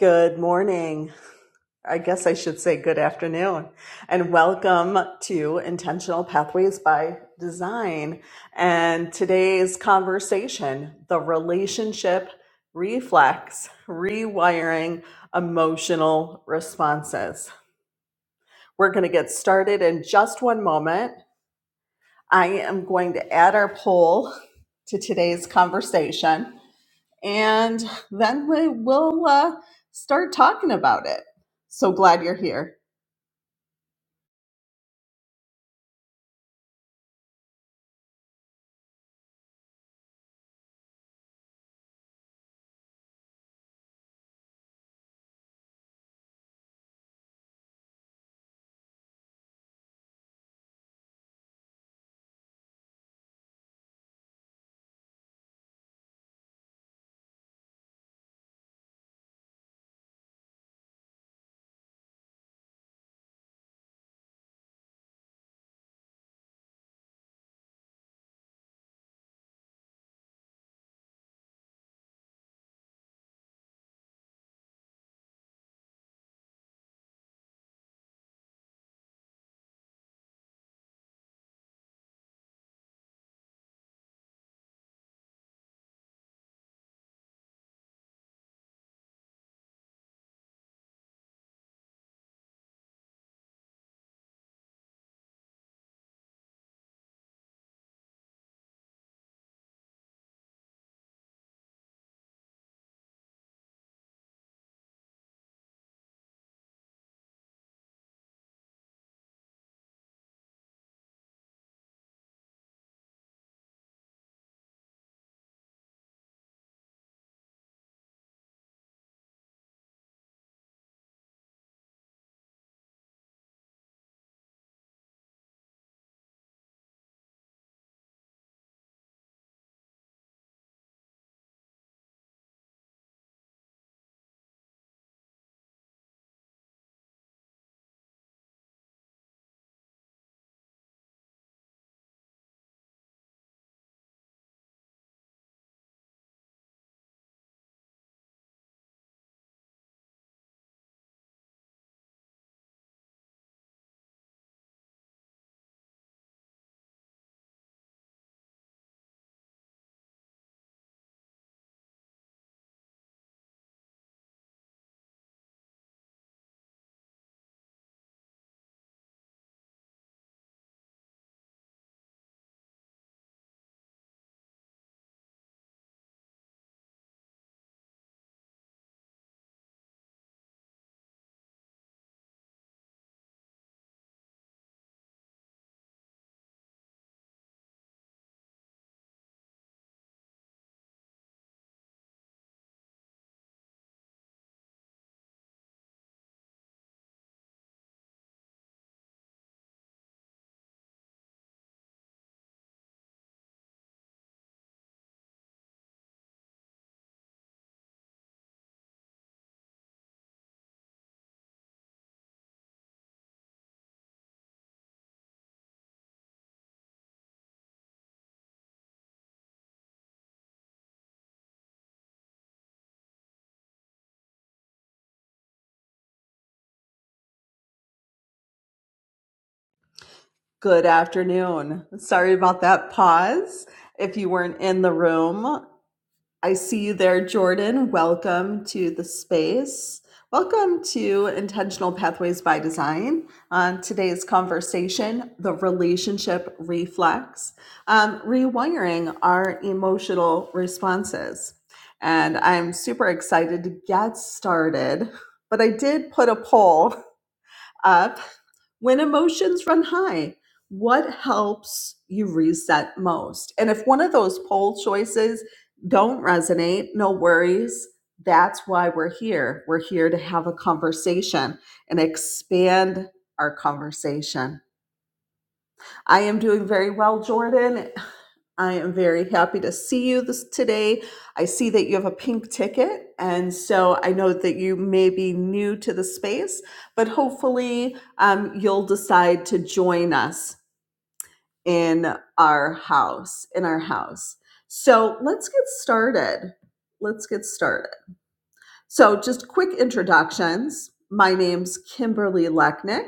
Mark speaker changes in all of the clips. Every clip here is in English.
Speaker 1: Good morning. I guess I should say good afternoon and welcome to Intentional Pathways by Design. And today's conversation the relationship reflex, rewiring emotional responses. We're going to get started in just one moment. I am going to add our poll to today's conversation and then we will uh, start talking about it. So glad you're here. Good afternoon. Sorry about that pause. If you weren't in the room, I see you there, Jordan. Welcome to the space. Welcome to Intentional Pathways by Design. On today's conversation, the relationship reflex, um, rewiring our emotional responses. And I'm super excited to get started. But I did put a poll up when emotions run high. What helps you reset most? And if one of those poll choices don't resonate, no worries. That's why we're here. We're here to have a conversation and expand our conversation. I am doing very well, Jordan. I am very happy to see you this today. I see that you have a pink ticket, and so I know that you may be new to the space, but hopefully um, you'll decide to join us in our house. In our house. So let's get started. Let's get started. So just quick introductions. My name's Kimberly Lechnick.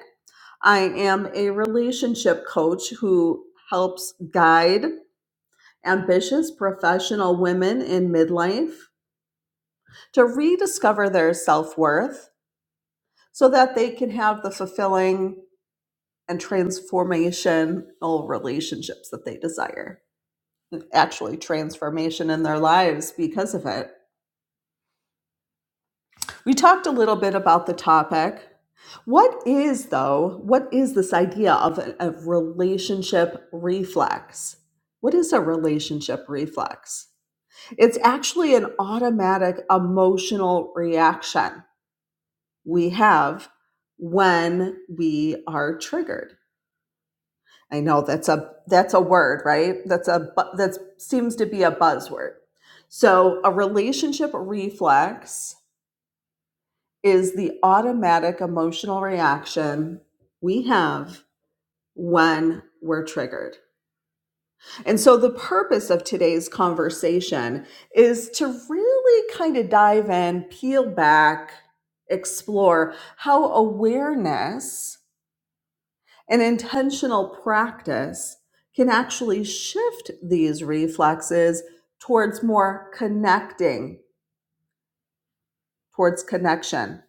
Speaker 1: I am a relationship coach who helps guide ambitious professional women in midlife to rediscover their self worth so that they can have the fulfilling and transformational relationships that they desire. Actually, transformation in their lives because of it. We talked a little bit about the topic. What is, though, what is this idea of a, a relationship reflex? What is a relationship reflex? It's actually an automatic emotional reaction we have when we are triggered. I know that's a that's a word, right? That's a that seems to be a buzzword. So, a relationship reflex is the automatic emotional reaction we have when we're triggered. And so, the purpose of today's conversation is to really kind of dive in, peel back, explore how awareness and intentional practice can actually shift these reflexes towards more connecting towards connection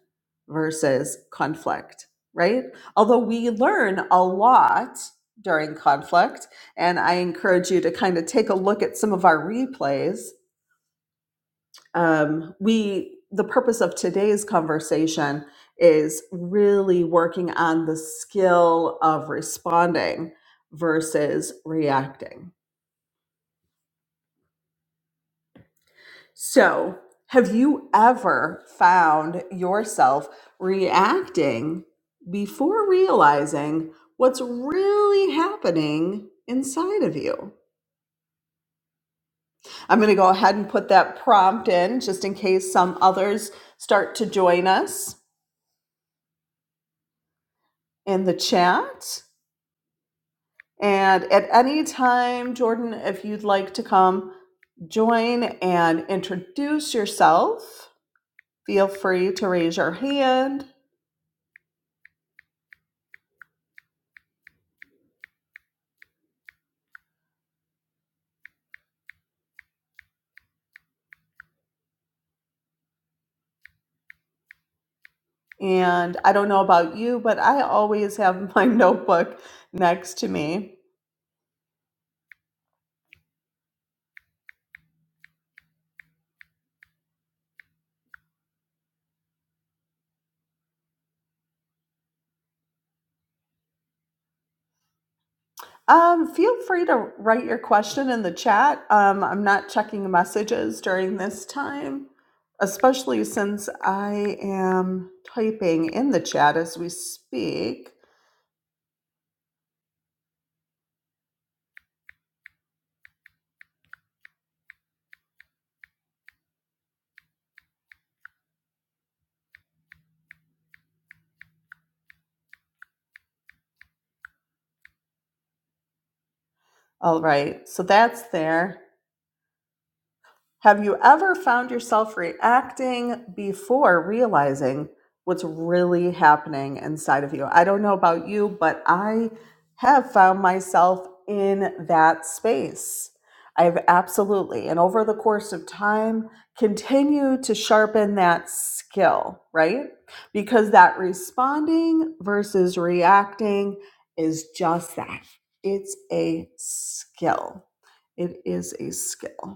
Speaker 1: versus conflict, right? Although we learn a lot during conflict, and I encourage you to kind of take a look at some of our replays. Um, we, the purpose of today's conversation is really working on the skill of responding versus reacting So, have you ever found yourself reacting before realizing what's really happening inside of you? I'm going to go ahead and put that prompt in just in case some others start to join us in the chat. And at any time, Jordan, if you'd like to come join and introduce yourself, feel free to raise your hand And I don't know about you, but I always have my notebook next to me. Um, feel free to write your question in the chat. Um, I'm not checking messages during this time, especially since I am typing in the chat as we speak. All right, so that's there. Have you ever found yourself reacting before realizing what's really happening inside of you? I don't know about you, but I have found myself in that space. I've absolutely, and over the course of time, continue to sharpen that skill, right? Because that responding versus reacting is just that it's a skill. It is a skill.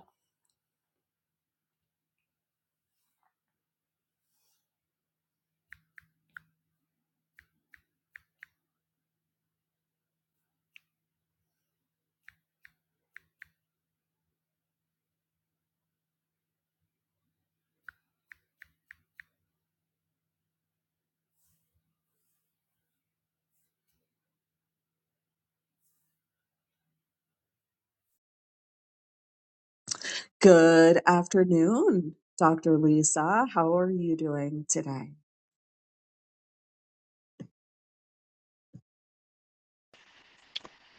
Speaker 1: Good afternoon, Dr. Lisa. How are you doing today?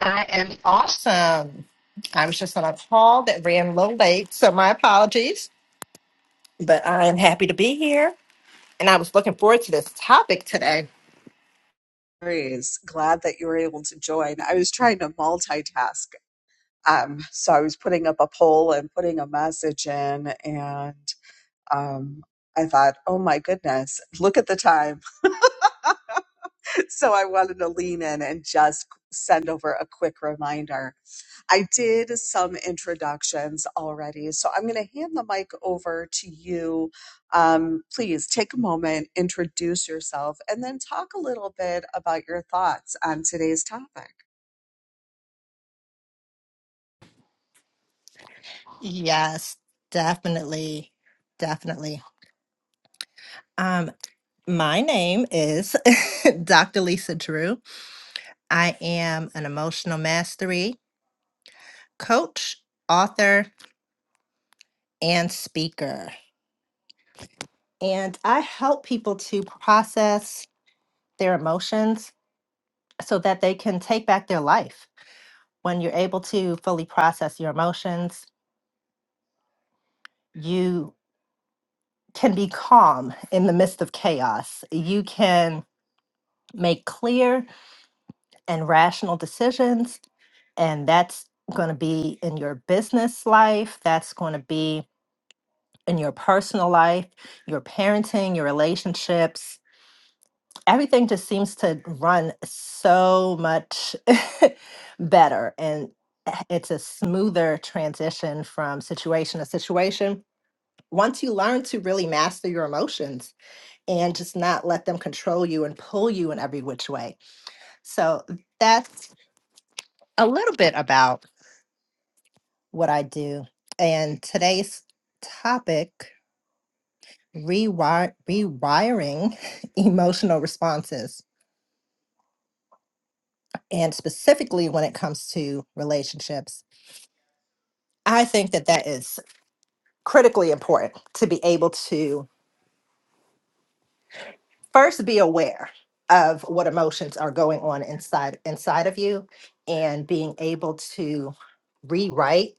Speaker 2: I am awesome. I was just on a call that ran a little late, so my apologies, but I am happy to be here. And I was looking forward to this topic today.
Speaker 1: Praise. Glad that you were able to join. I was trying to multitask. Um, so I was putting up a poll and putting a message in, and um, I thought, oh my goodness, look at the time. so I wanted to lean in and just send over a quick reminder. I did some introductions already, so I'm going to hand the mic over to you. Um, please take a moment, introduce yourself, and then talk a little bit about your thoughts on today's topic.
Speaker 2: Yes, definitely. Definitely. Um, my name is Dr. Lisa Drew. I am an emotional mastery coach, author, and speaker. And I help people to process their emotions so that they can take back their life. when you're able to fully process your emotions, you can be calm in the midst of chaos. You can make clear and rational decisions, and that's going to be in your business life, that's going to be in your personal life, your parenting, your relationships. Everything just seems to run so much better and eh, it's a smoother transition from situation to situation once you learn to really master your emotions and just not let them control you and pull you in every which way. So that's a little bit about what I do. And today's topic rewire, rewiring emotional responses. And specifically when it comes to relationships, I think that that is critically important to be able to first be aware of what emotions are going on inside inside of you and being able to rewrite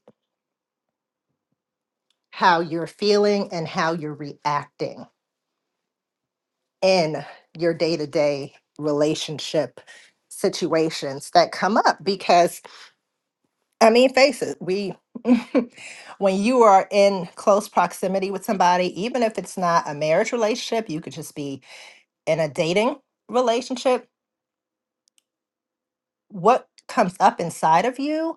Speaker 2: how you're feeling and how you're reacting in your day-to-day relationship situations that come up because i mean face it we when you are in close proximity with somebody even if it's not a marriage relationship you could just be in a dating relationship what comes up inside of you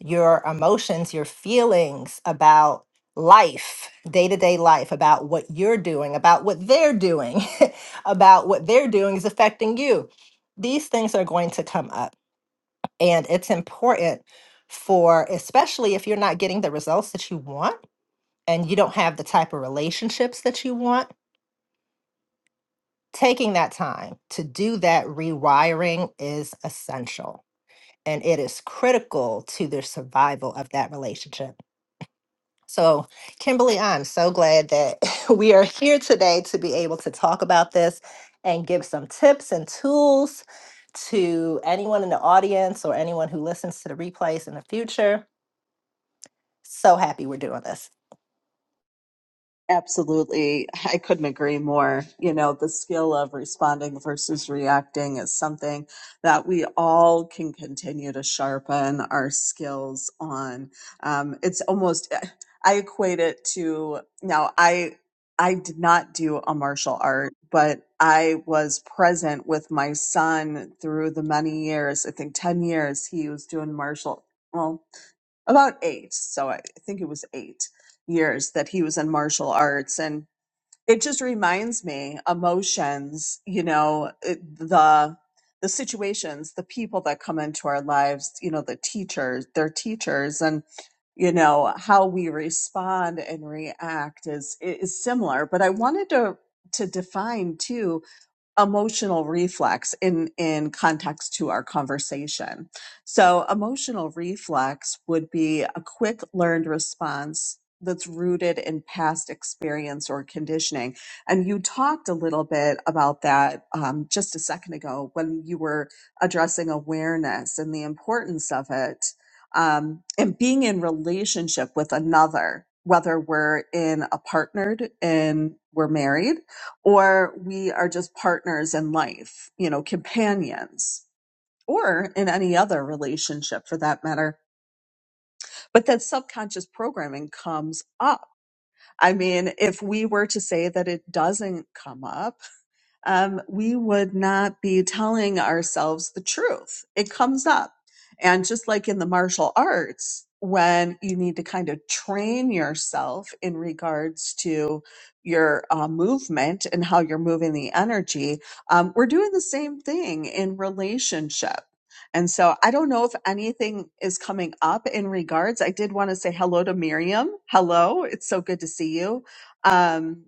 Speaker 2: your emotions, your feelings about life, day to day life, about what you're doing, about what they're doing, about what they're doing is affecting you. These things are going to come up. And it's important for, especially if you're not getting the results that you want and you don't have the type of relationships that you want, taking that time to do that rewiring is essential. And it is critical to the survival of that relationship. So, Kimberly, I'm so glad that we are here today to be able to talk about this and give some tips and tools to anyone in the audience or anyone who listens to the replays in the future. So happy we're doing this.
Speaker 1: Absolutely. I couldn't agree more. You know, the skill of responding versus reacting is something that we all can continue to sharpen our skills on. Um, it's almost, I equate it to now, I, I did not do a martial art, but I was present with my son through the many years, I think 10 years he was doing martial. Well, about eight. So I think it was eight years that he was in martial arts. And it just reminds me emotions, you know, it, the, the situations, the people that come into our lives, you know, the teachers, their teachers and, you know, how we respond and react is, is similar. But I wanted to, to define too emotional reflex in in context to our conversation so emotional reflex would be a quick learned response that's rooted in past experience or conditioning and you talked a little bit about that um, just a second ago when you were addressing awareness and the importance of it um, and being in relationship with another whether we're in a partnered and we're married or we are just partners in life, you know, companions, or in any other relationship for that matter. But that subconscious programming comes up. I mean, if we were to say that it doesn't come up, um, we would not be telling ourselves the truth. It comes up. And just like in the martial arts, when you need to kind of train yourself in regards to your uh, movement and how you're moving the energy, um, we're doing the same thing in relationship. And so I don't know if anything is coming up in regards. I did want to say hello to Miriam. Hello. It's so good to see you. Um,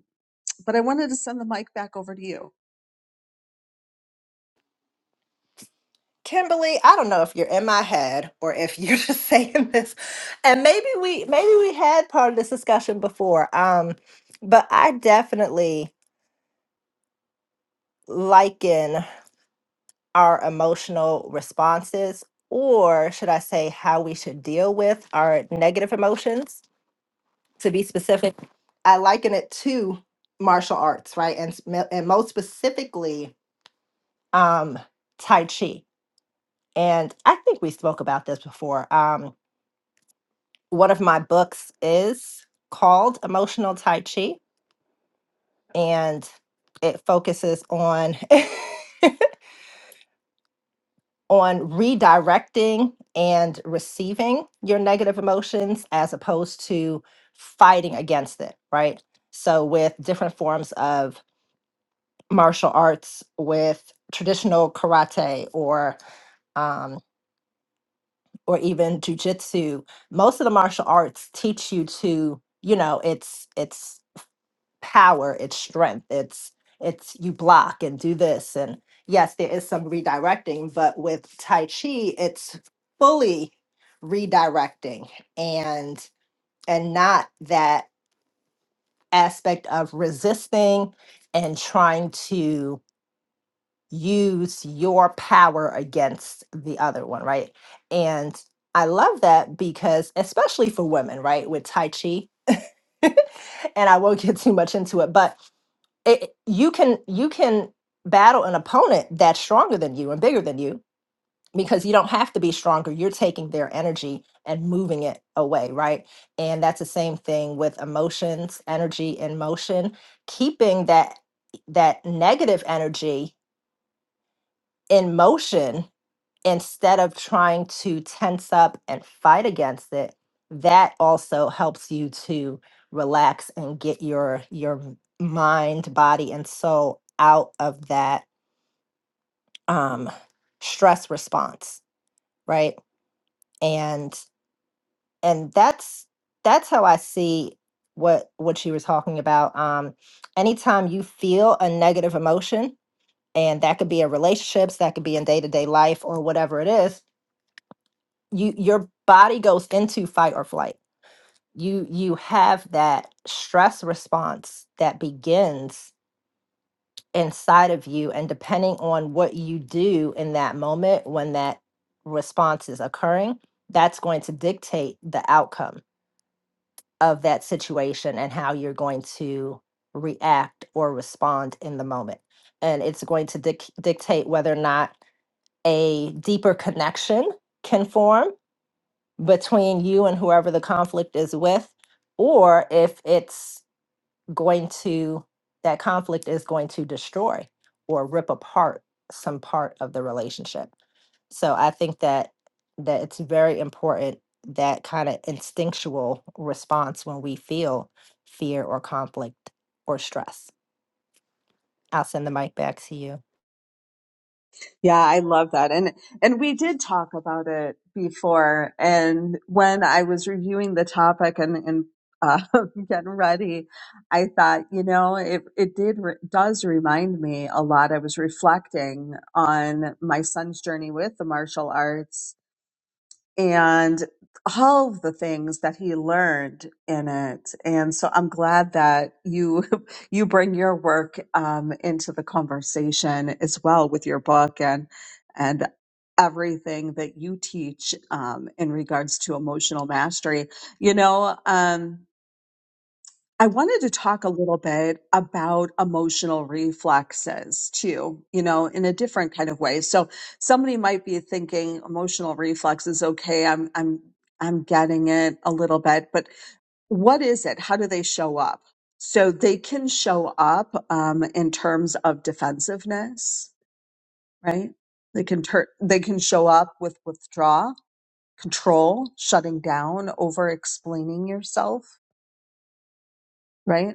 Speaker 1: but I wanted to send the mic back over to you.
Speaker 2: Kimberly, I don't know if you're in my head or if you're just saying this. And maybe we maybe we had part of this discussion before. Um, but I definitely liken our emotional responses, or should I say how we should deal with our negative emotions, to be specific. I liken it to martial arts, right? And sm- and most specifically, um, Tai Chi. And I think we spoke about this before. Um, one of my books is called Emotional Tai Chi and it focuses on on redirecting and receiving your negative emotions as opposed to fighting against it, right? So with different forms of martial arts with traditional karate or um or even jujitsu, most of the martial arts teach you to, you know, it's it's power it's strength it's it's you block and do this and yes there is some redirecting but with tai chi it's fully redirecting and and not that aspect of resisting and trying to use your power against the other one right and i love that because especially for women right with tai chi and i won't get too much into it but it, you can you can battle an opponent that's stronger than you and bigger than you because you don't have to be stronger you're taking their energy and moving it away right and that's the same thing with emotions energy and motion keeping that that negative energy in motion instead of trying to tense up and fight against it that also helps you to relax and get your your mind body and soul out of that um stress response right and and that's that's how i see what what you were talking about um anytime you feel a negative emotion and that could be in relationships that could be in day-to-day life or whatever it is you your body goes into fight or flight you you have that stress response that begins inside of you and depending on what you do in that moment when that response is occurring that's going to dictate the outcome of that situation and how you're going to react or respond in the moment and it's going to dic- dictate whether or not a deeper connection can form between you and whoever the conflict is with, or if it's going to, that conflict is going to destroy or rip apart some part of the relationship. So I think that that it's very important that kind of instinctual response when we feel fear or conflict or stress. I'll send the mic back to you.
Speaker 1: Yeah, I love that. And and we did talk about it before. And when I was reviewing the topic and and uh, getting ready, I thought, you know, it it did re- does remind me a lot. I was reflecting on my son's journey with the martial arts and all of the things that he learned in it. And so I'm glad that you you bring your work um, into the conversation as well with your book and and everything that you teach um, in regards to emotional mastery. You know. Um, I wanted to talk a little bit about emotional reflexes too, you know, in a different kind of way. So somebody might be thinking emotional reflexes, okay, I'm I'm I'm getting it a little bit, but what is it? How do they show up? So they can show up um, in terms of defensiveness, right? They can tur- they can show up with withdraw, control, shutting down, over explaining yourself, right?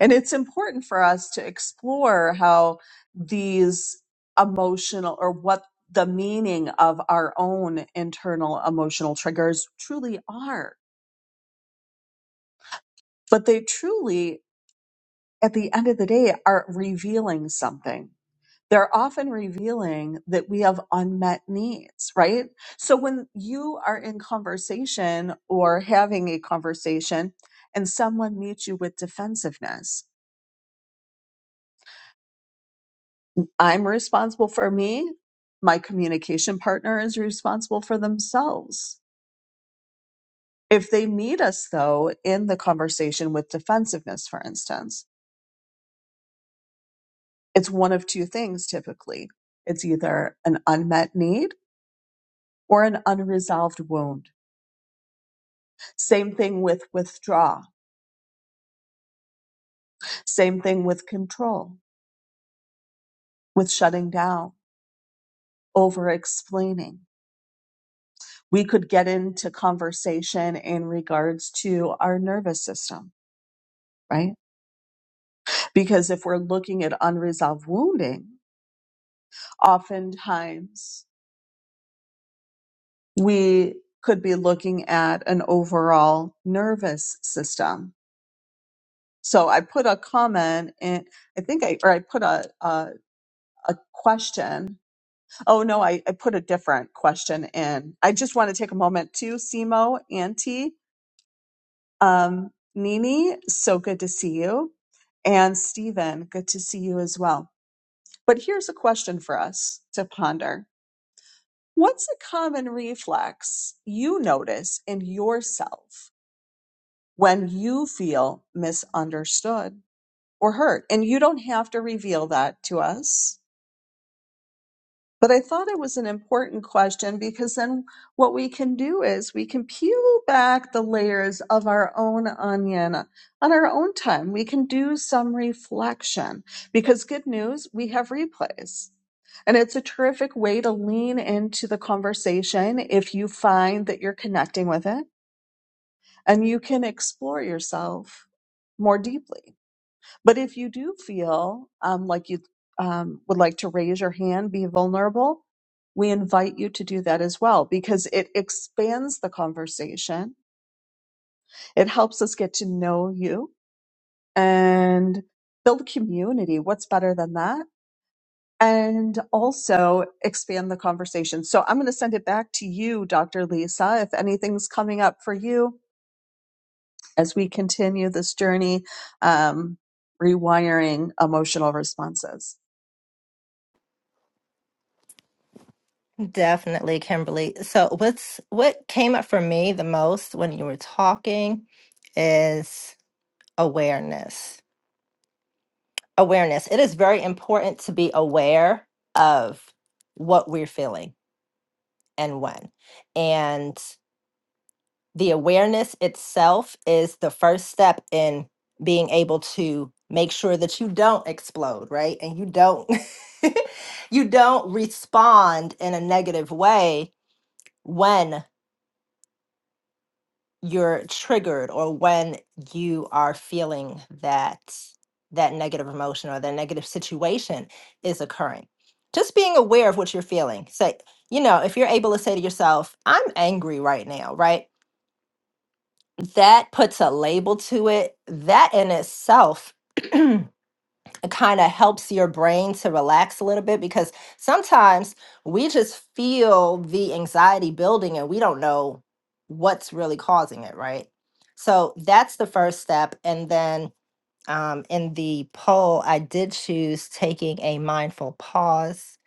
Speaker 1: And it's important for us to explore how these emotional or what the meaning of our own internal emotional triggers truly are. But they truly, at the end of the day, are revealing something. They're often revealing that we have unmet needs, right? So when you are in conversation or having a conversation and someone meets you with defensiveness, I'm responsible for me. My communication partner is responsible for themselves. If they meet us, though, in the conversation with defensiveness, for instance, it's one of two things typically it's either an unmet need or an unresolved wound. Same thing with withdraw, same thing with control, with shutting down, over explaining. We could get into conversation in regards to our nervous system, right? Because if we're looking at unresolved wounding, oftentimes we could be looking at an overall nervous system. So I put a comment in, I think I, or I put a, a, a question. Oh no, I, I put a different question in. I just want to take a moment to Simo, Auntie, um, Nini, so good to see you. And Stephen, good to see you as well. But here's a question for us to ponder What's a common reflex you notice in yourself when you feel misunderstood or hurt? And you don't have to reveal that to us. But I thought it was an important question because then what we can do is we can peel back the layers of our own onion on our own time. We can do some reflection because good news, we have replays. And it's a terrific way to lean into the conversation if you find that you're connecting with it and you can explore yourself more deeply. But if you do feel um, like you um, would like to raise your hand, be vulnerable, we invite you to do that as well because it expands the conversation. It helps us get to know you and build community. What's better than that? And also expand the conversation. So I'm going to send it back to you, Dr. Lisa. If anything's coming up for you as we continue this journey, um, rewiring emotional responses.
Speaker 2: Definitely, Kimberly. So what's what came up for me the most when you were talking is awareness. Awareness. It is very important to be aware of what we're feeling and when. And the awareness itself is the first step in being able to make sure that you don't explode right and you don't you don't respond in a negative way when you're triggered or when you are feeling that that negative emotion or that negative situation is occurring just being aware of what you're feeling say you know if you're able to say to yourself i'm angry right now right that puts a label to it. That in itself kind of helps your brain to relax a little bit because sometimes we just feel the anxiety building and we don't know what's really causing it, right? So that's the first step. And then um, in the poll, I did choose taking a mindful pause.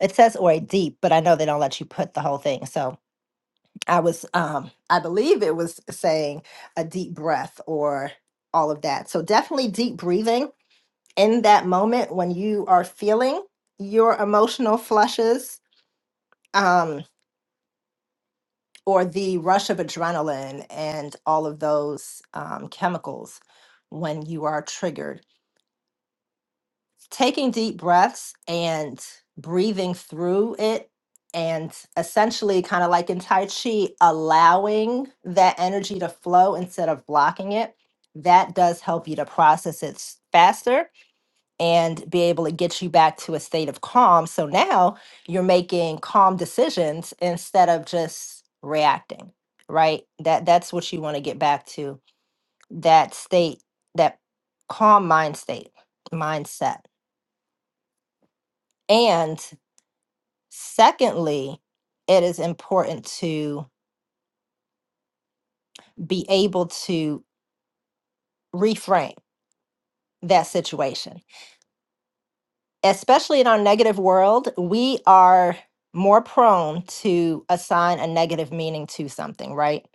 Speaker 2: It says or a deep, but I know they don't let you put the whole thing. So I was, um, I believe it was saying a deep breath or all of that. So definitely deep breathing in that moment when you are feeling your emotional flushes um, or the rush of adrenaline and all of those um, chemicals when you are triggered taking deep breaths and breathing through it and essentially kind of like in tai chi allowing that energy to flow instead of blocking it that does help you to process it s- faster and be able to get you back to a state of calm so now you're making calm decisions instead of just reacting right that that's what you want to get back to that state that calm mind state mindset and Secondly, it is important to be able to reframe that situation. Especially in our negative world, we are more prone to assign a negative meaning to something, right?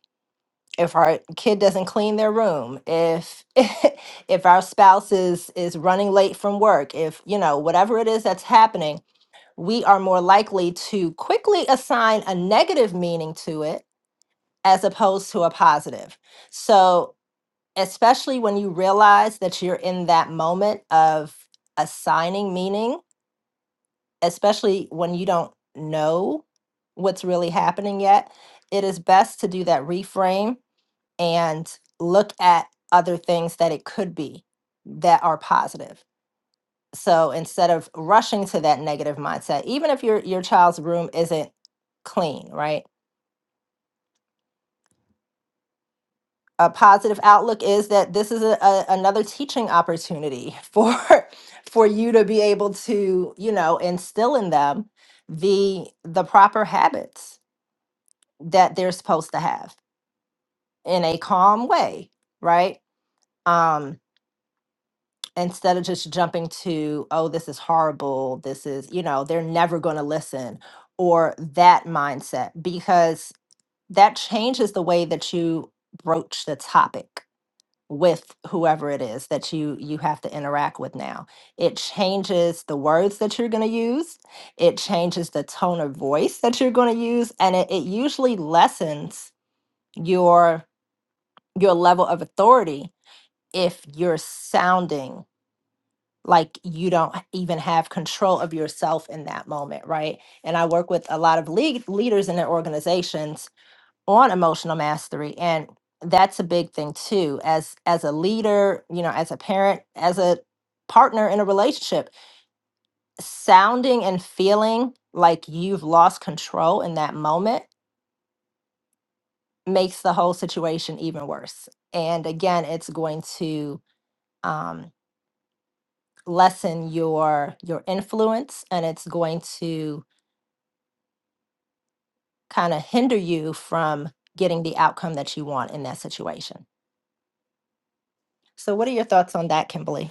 Speaker 2: If our kid doesn't clean their room, if if our spouse is is running late from work, if you know whatever it is that's happening, we are more likely to quickly assign a negative meaning to it as opposed to a positive. So, especially when you realize that you're in that moment of assigning meaning, especially when you don't know what's really happening yet, it is best to do that reframe and look at other things that it could be that are positive. So instead of rushing to that negative mindset, even if your your child's room isn't clean, right? a positive outlook is that this is a, a, another teaching opportunity for for you to be able to you know instill in them the the proper habits that they're supposed to have in a calm way right um instead of just jumping to oh this is horrible this is you know they're never going to listen or that mindset because that changes the way that you broach the topic with whoever it is that you you have to interact with now it changes the words that you're going to use it changes the tone of voice that you're going to use and it, it usually lessens your your level of authority if you're sounding like you don't even have control of yourself in that moment right and i work with a lot of lead, leaders in their organizations on emotional mastery and that's a big thing too as as a leader you know as a parent as a partner in a relationship sounding and feeling like you've lost control in that moment makes the whole situation even worse and again it's going to um, lessen your your influence and it's going to kind of hinder you from getting the outcome that you want in that situation so what are your thoughts on that kimberly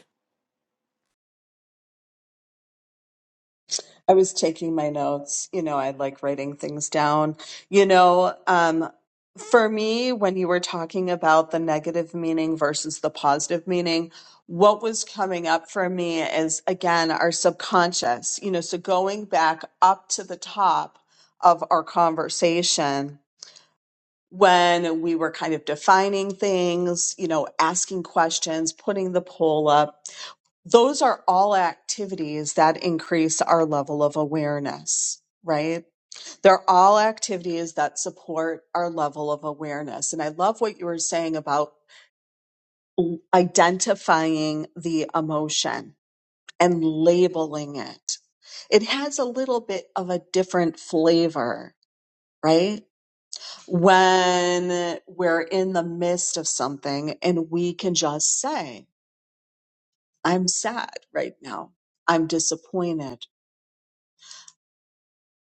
Speaker 1: I was taking my notes. You know, I like writing things down. You know, um, for me, when you were talking about the negative meaning versus the positive meaning, what was coming up for me is again our subconscious, you know, so going back up to the top of our conversation when we were kind of defining things, you know, asking questions, putting the poll up those are all activities that increase our level of awareness, right? They're all activities that support our level of awareness. And I love what you were saying about l- identifying the emotion and labeling it. It has a little bit of a different flavor, right? When we're in the midst of something and we can just say, I'm sad right now. I'm disappointed.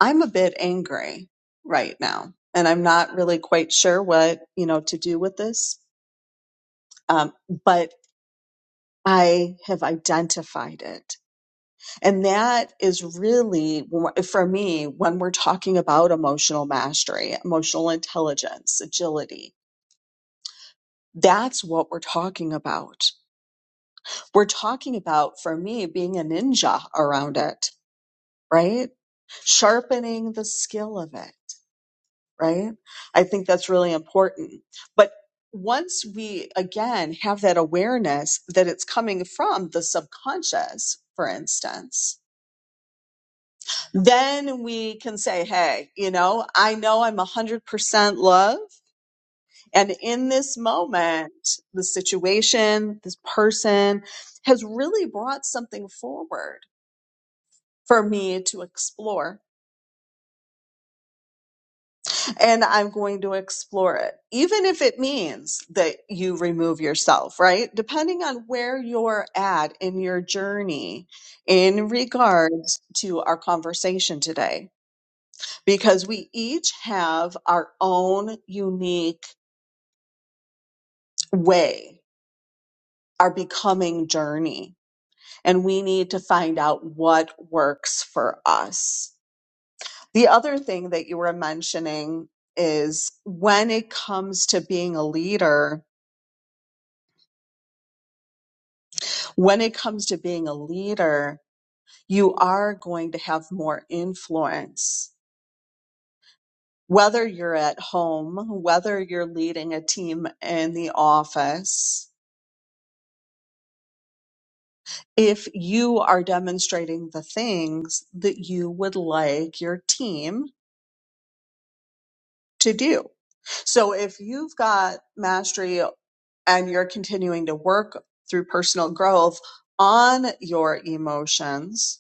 Speaker 1: I'm a bit angry right now, and I'm not really quite sure what, you know, to do with this. Um, but I have identified it. And that is really, for me, when we're talking about emotional mastery, emotional intelligence, agility, that's what we're talking about. We're talking about, for me, being a ninja around it, right? Sharpening the skill of it right? I think that's really important. But once we, again, have that awareness that it's coming from the subconscious, for instance, then we can say, hey, you know, I know I'm 100% love. And in this moment, the situation, this person has really brought something forward for me to explore and I'm going to explore it, even if it means that you remove yourself, right? Depending on where you're at in your journey in regards to our conversation today, because we each have our own unique way, our becoming journey, and we need to find out what works for us. The other thing that you were mentioning is when it comes to being a leader, When it comes to being a leader, you are going to have more influence. Whether you're at home, whether you're leading a team in the office, if you are demonstrating the things that you would like your team to do. So if you've got mastery and you're continuing to work through personal growth on your emotions,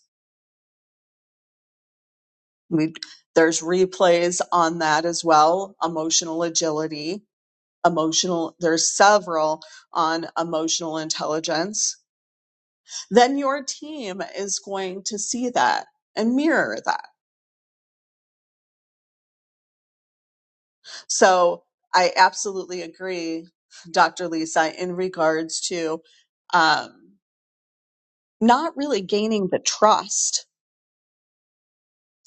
Speaker 1: We, there's replays on that as well. Emotional agility, emotional, there's several on emotional intelligence. Then your team is going to see that and mirror that. So I absolutely agree, Dr. Lisa, in regards to um, not really gaining the trust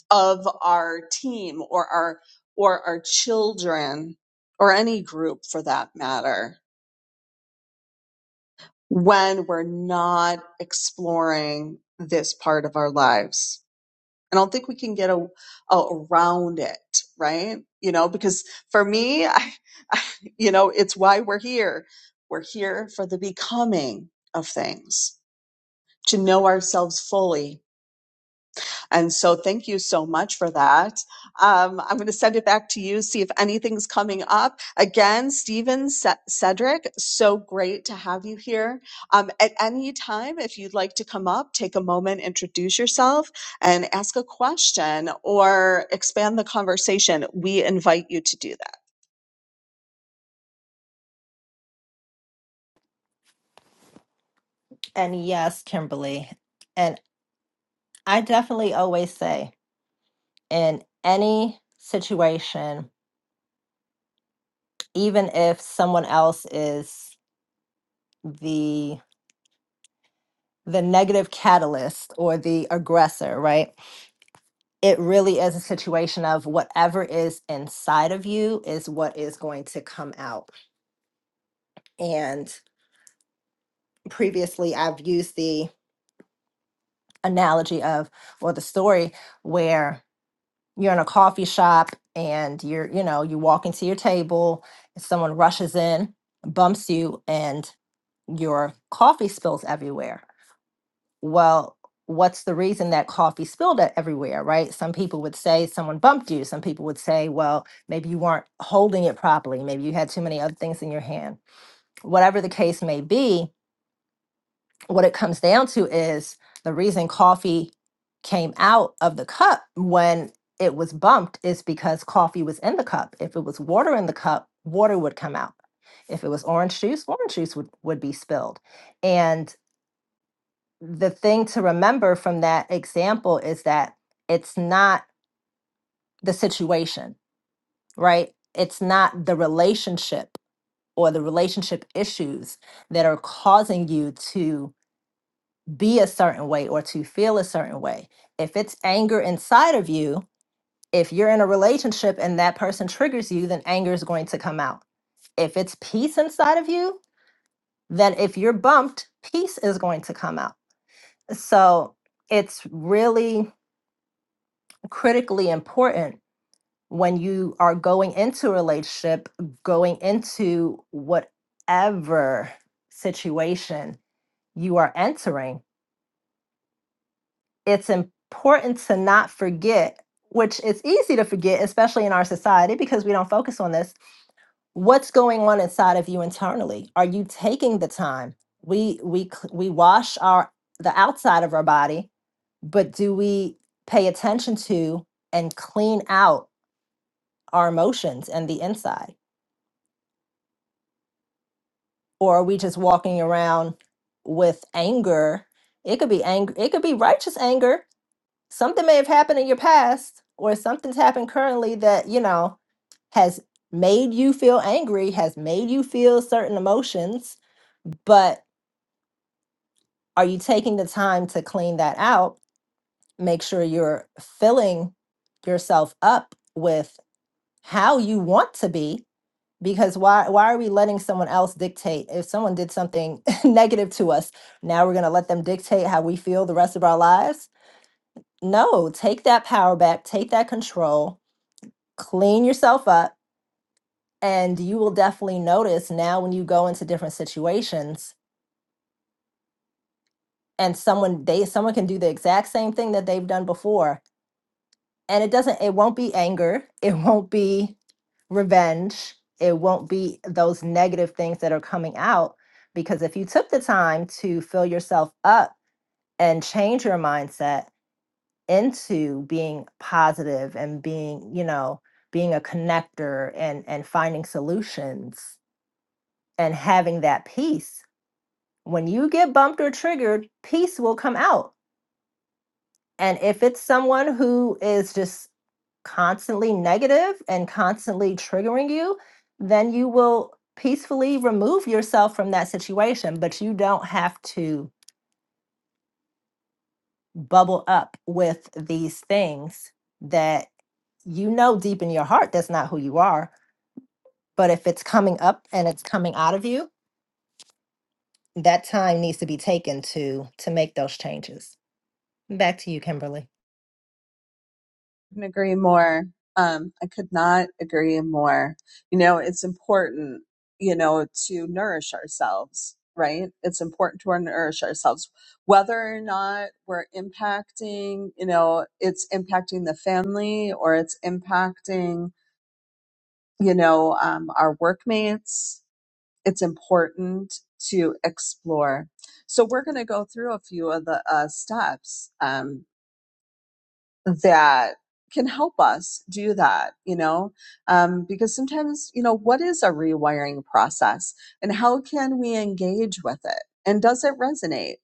Speaker 1: of our team or our or our children or any group for that matter when we're not exploring this part of our lives. I don't think we can get a, a, around it, right? You know, because for me, I, I, you know, it's why we're here. We're here for the becoming of things, to know ourselves fully and so thank you so much for that. Um, I'm going to send it back to you, see if anything's coming up. Again, Stephen Ce- Cedric, so great to have you here. Um, at any time, if you'd like to come up, take a moment, introduce yourself, and ask a question or expand the conversation, we invite you to do that.
Speaker 2: And yes, Kimberly. And I definitely always say in any situation, even if someone else is the the negative catalyst or the aggressor, right? It really is a situation of whatever is inside of you is what is going to come out. And previously I've used the analogy of or the story where. you're in a coffee shop and you're you know you walk into your table and someone rushes in bumps you and your coffee spills everywhere well what's the reason that coffee spilled e- everywhere right some people would say someone bumped you some people would say well maybe you weren't holding it properly maybe you had too many other things in your hand whatever the case may be what it comes down to is the reason coffee came out of the cup when it was bumped is because coffee was in the cup. If it was water in the cup, water would come out. If it was orange juice, orange juice would, would be spilled. And the thing to remember from that example is that it's not the situation, right? It's not the relationship or the relationship issues that are causing you to be a certain way or to feel a certain way. If it's anger inside of you, if you're in a relationship and that person triggers you, then anger is going to come out. If it's peace inside of you, then if you're bumped, peace is going to come out. So it's really critically important when you are going into a relationship, going into whatever situation you are entering it's important to not forget, which it's easy to forget, especially in our society because we don't focus on this. What's going on inside of you internally? Are you taking the time? We we cl- we wash our the outside of our body, but do we pay attention to and clean out our emotions and the inside? Or are we just walking around with anger? It could be anger, it could be righteous anger, something may have happened in your past or something's happened currently that you know has made you feel angry has made you feel certain emotions but are you taking the time to clean that out make sure you're filling yourself up with how you want to be because why why are we letting someone else dictate if someone did something negative to us now we're going to let them dictate how we feel the rest of our lives no take that power back take that control clean yourself up and you will definitely notice now when you go into different situations and someone they someone can do the exact same thing that they've done before and it doesn't it won't be anger it won't be revenge it won't be those negative things that are coming out because if you took the time to fill yourself up and change your mindset into being positive and being you know being a connector and and finding solutions and having that peace. When you get bumped or triggered, peace will come out. And if it's someone who is just constantly negative and constantly triggering you, then you will peacefully remove yourself from that situation. But you don't have to bubble up with these things that you know deep in your heart that's not who you are. But if it's coming up and it's coming out of you, that time needs to be taken to to make those changes. Back to you, Kimberly.
Speaker 1: couldn't agree more. Um, I could not agree more. You know, it's important, you know, to nourish ourselves, right? It's important to nourish ourselves, whether or not we're impacting, you know, it's impacting the family or it's impacting, you know, um, our workmates. It's important to explore. So we're going to go through a few of the uh, steps. Um, that can help us do that, you know? Um, because sometimes, you know, what is a rewiring process and how can we engage with it? And does it resonate?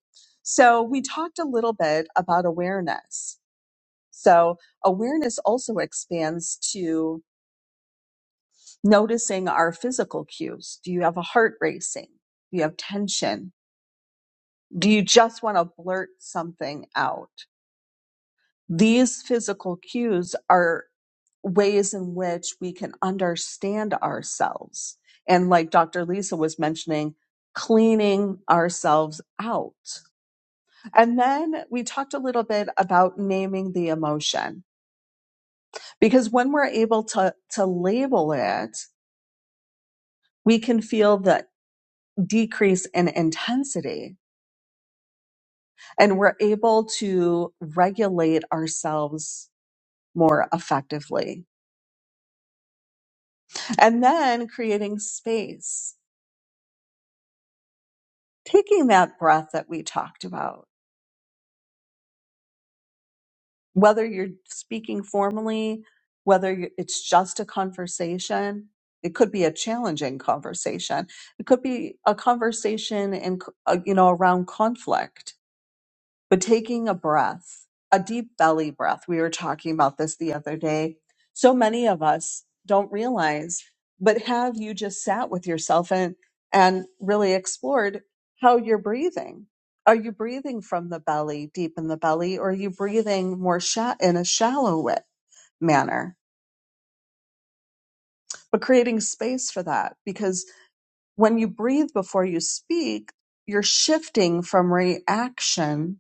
Speaker 1: So we talked a little bit about awareness. So awareness also expands to noticing our physical cues. Do you have a heart racing? Do you have tension? Do you just want to blurt something out? These physical cues are. ways in which we can understand ourselves. And like Dr. Lisa was mentioning, cleaning ourselves out. And then we talked a little bit about naming the emotion because when we're able to, to label it, we can feel the decrease in intensity and we're able to regulate ourselves more effectively. And then creating space, taking that breath that we talked about whether you're speaking formally, whether you- it's just a conversation, it could be a challenging conversation. It could be a conversation in, c- uh, you know, around conflict but taking a breath, a deep belly breath. We were talking about this the other day. So many of us don't realize, but have you just sat with yourself and, and really explored how you're breathing? Are you breathing from the belly, deep in the belly, or are you breathing more sha- in a shallow wa- manner? But creating space for that because when you breathe before you speak, you're shifting from reaction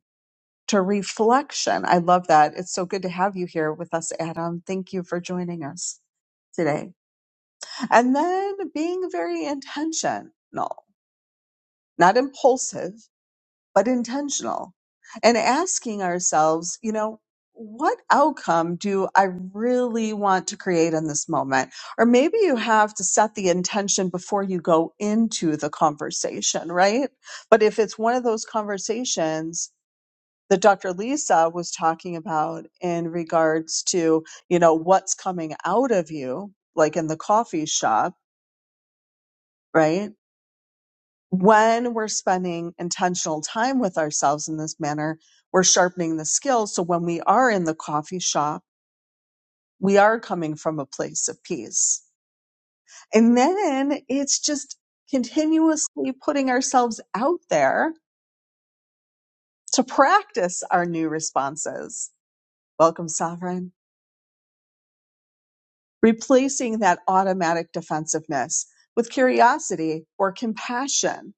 Speaker 1: to reflection. I love that. It's so good to have you here with us, Adam. Thank you for joining us today. And then being very intentional, not impulsive, but intentional, and asking ourselves, you know, what outcome do I really want to create in this moment? Or maybe you have to set the intention before you go into the conversation, right? But if it's one of those conversations, that Dr. Lisa was talking about in regards to, you know, what's coming out of you, like in the coffee shop, right? When we're spending intentional time with ourselves in this manner, we're sharpening the skills. So when we are in the coffee shop, we are coming from a place of peace. And then it's just continuously putting ourselves out there to practice our new responses. Welcome, Sovereign. replacing that automatic defensiveness with curiosity or compassion,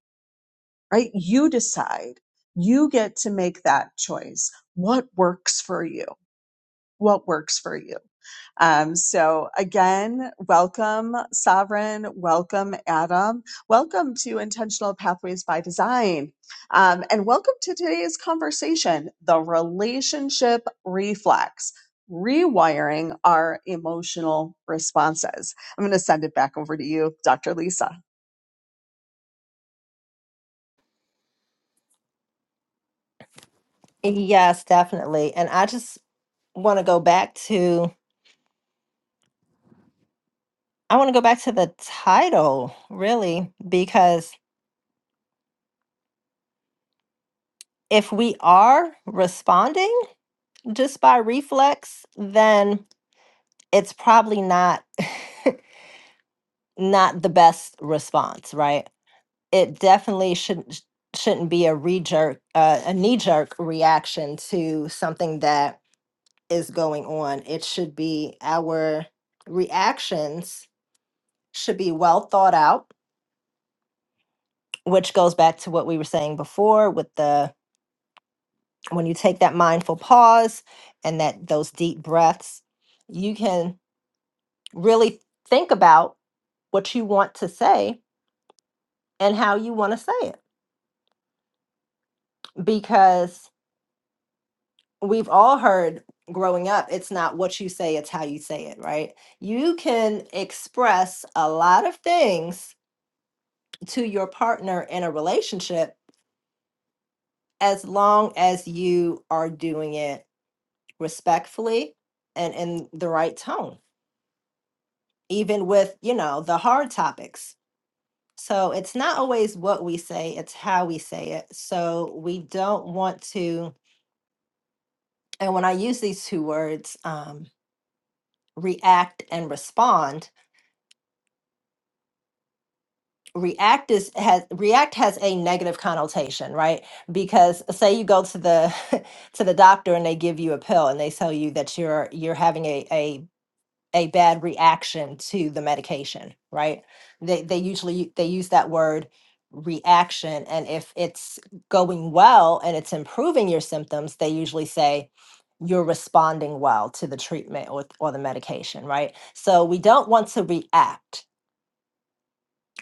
Speaker 1: right? You decide. You get to make that choice. What works for you? what works for you. Um, so again, welcome Sovereign, welcome Adam, welcome to Intentional Pathways by Design, um, and welcome to today's conversation, the relationship reflex. Rewiring our emotional responses. I'm going to send it back over to you, Dr. Lisa.
Speaker 2: Yes, definitely. And I just want to go back to I want to go back to the title, really, because if we are responding just by reflex, then it's probably not not the best response, right? It definitely shouldn't shouldn't be a re-jerk, uh, a knee-jerk reaction to something that is going on. It should be our reactions should be well thought out, which goes back to what we were saying before with the when you take that mindful pause and that those deep breaths, you can really think about what you want to say and how you want to say it because we've all heard growing up it's not what you say it's how you say it right you can express a lot of things to your partner in a relationship as long as you are doing it respectfully and in the right tone, even with, you know, the hard topics. So it's not always what we say, it's how we say it. So we don't want to, and when I use these two words, um, react and respond, react is has react has a negative connotation, right? Because say you go to the to the doctor and they give you a pill and they tell you that you're you're having a, a a bad reaction to the medication, right? They they usually they use that word reaction and if it's going well and it's improving your symptoms, they usually say you're responding well to the treatment or, or the medication, right? So we don't want to react.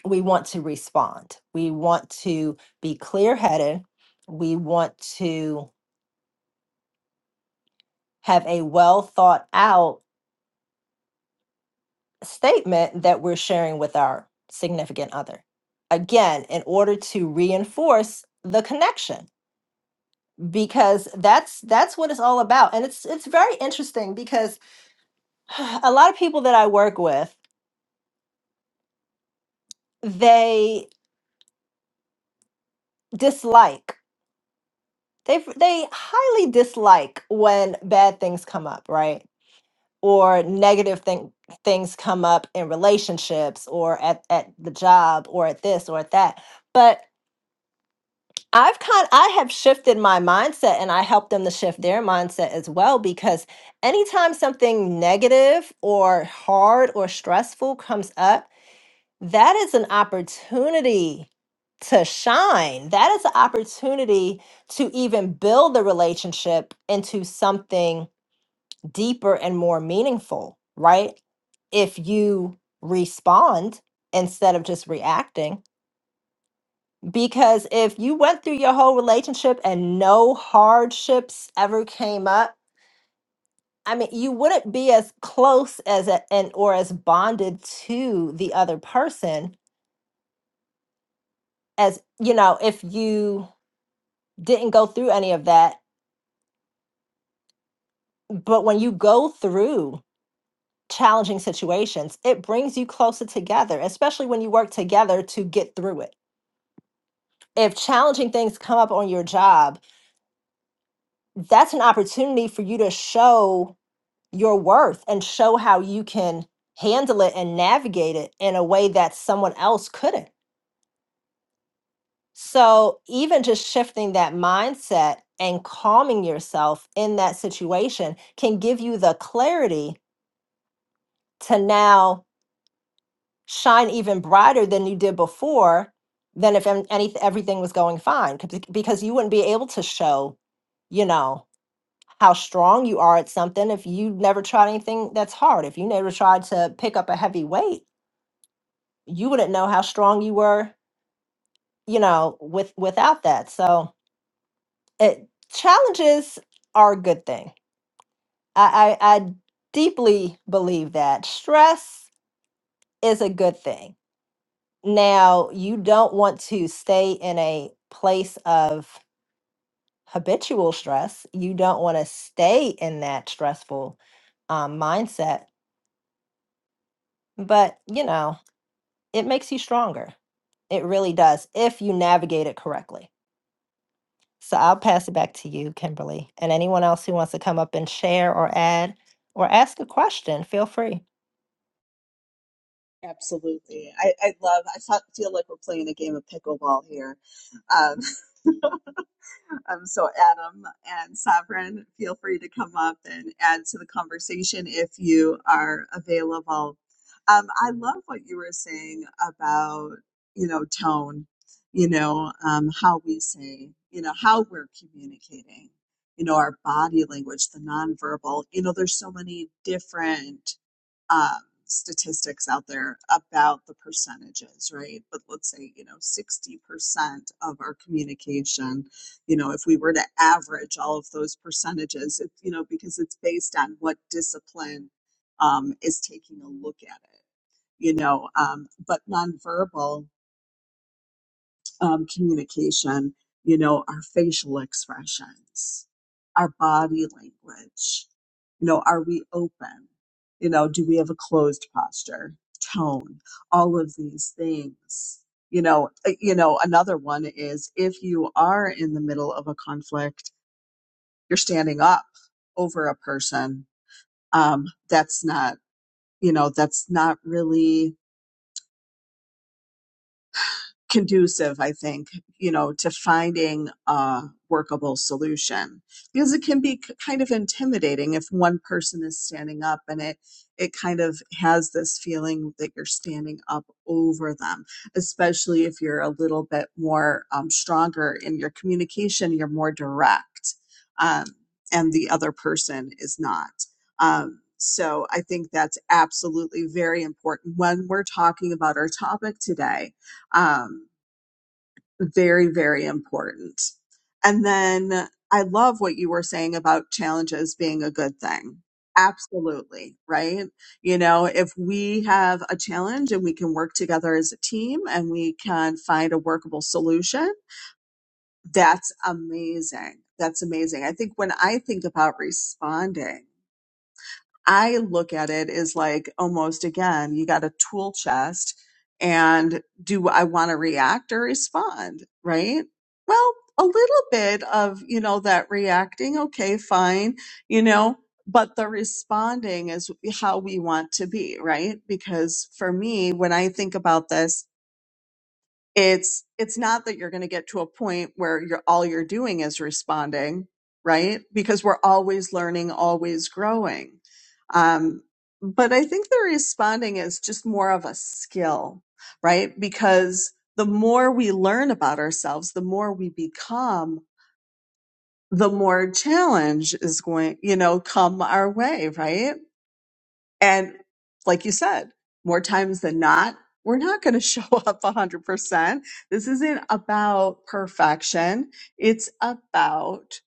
Speaker 2: We want to respond. We want to be clear-headed. We want to have a well thought out statement that we're sharing with our significant other. Again, in order to reinforce the connection because that's that's what it's all about and it's it's very interesting because a lot of people that I work with they dislike they f- they highly dislike when bad things come up, right? Or negative thing things come up in relationships or at at the job or at this or at that. But I've kind I have shifted my mindset and I help them to shift their mindset as well because anytime something negative or hard or stressful comes up, that is an opportunity to shine. That is an opportunity to even build the relationship into something deeper and more meaningful, right? If you respond instead of just reacting because if you went through your whole relationship and no hardships ever came up, I mean, you wouldn't be as close as a, and or as bonded to the other person as, you know, if you didn't go through any of that. But when you go through challenging situations, it brings you closer together, especially when you work together to get through it. If challenging things come up on your job, that's an opportunity for you to show your worth and show how you can handle it and navigate it in a way that someone else couldn't. So, even just shifting that mindset and calming yourself in that situation can give you the clarity to now shine even brighter than you did before than if an- any, everything was going fine 'cause bec- because you wouldn't be able to show, you know, how strong you are at something if you never tried anything that's hard, if you never tried to pick up a heavy weight you wouldn't know how strong you were you know with without that so it, challenges are a good thing I, I i deeply believe that stress is a good thing now you don't want to stay in a place of habitual stress you don't want to stay in that stressful um, mindset but you know it makes you stronger it really does if you navigate it correctly So I'll pass it back to you, Kimberly. And anyone else who wants to come up and share or add or ask a question, feel free.
Speaker 1: Absolutely. I, I love, I fe- feel like we're playing a game of pickleball here. Um, Um, so, Adam and Sovereign, feel free to come up and add to the conversation if you are available. Um, I love what you were saying about, you know, tone, you know, um, how we say, you know, how we're communicating, you know, our body language, the nonverbal. You know, there's so many different um, statistics out there about the percentages, right? But let's say, you know, 60% of our communication you know if we were to average all of those percentages it, you know because it's based on what discipline um, is taking a look at it you know um, but nonverbal um, communication you know our facial expressions our body language you know are we open you know do we have a closed posture tone all of these things you know uh, you know another one is if you are in the middle of a conflict you're standing up over a person um, that's not you know that's not really conducive, I think, you know, to finding a workable solution because it can be k- kind of intimidating if one person is standing up and it it kind of has this feeling that you're standing up over them, especially if you're a little bit more um, stronger in your communication, you're more direct, um, and the other person is not. Um, so I think that's absolutely very important when we're talking about our topic today. Um, very very important and then i love what you were saying about challenges being a good thing absolutely right you know if we have a challenge and we can work together as a team and we can find a workable solution that's amazing that's amazing i think when i think about responding I look at it as like almost again, you got a tool chest and do I want to react or respond? Right. Well, a little bit of, you know, that reacting. Okay, fine. You know, but the responding is how we want to be. Right. Because for me, when I think about this, it's it's not that you're going to get to a point where you're all you're doing is responding right because we're always learning always growing um, but i think the responding is just more of a skill right because the more we learn about ourselves the more we become the more challenge is going you know come our way right and like you said, more times than not, we're not going to show up 100%. This isn't about perfection. It's about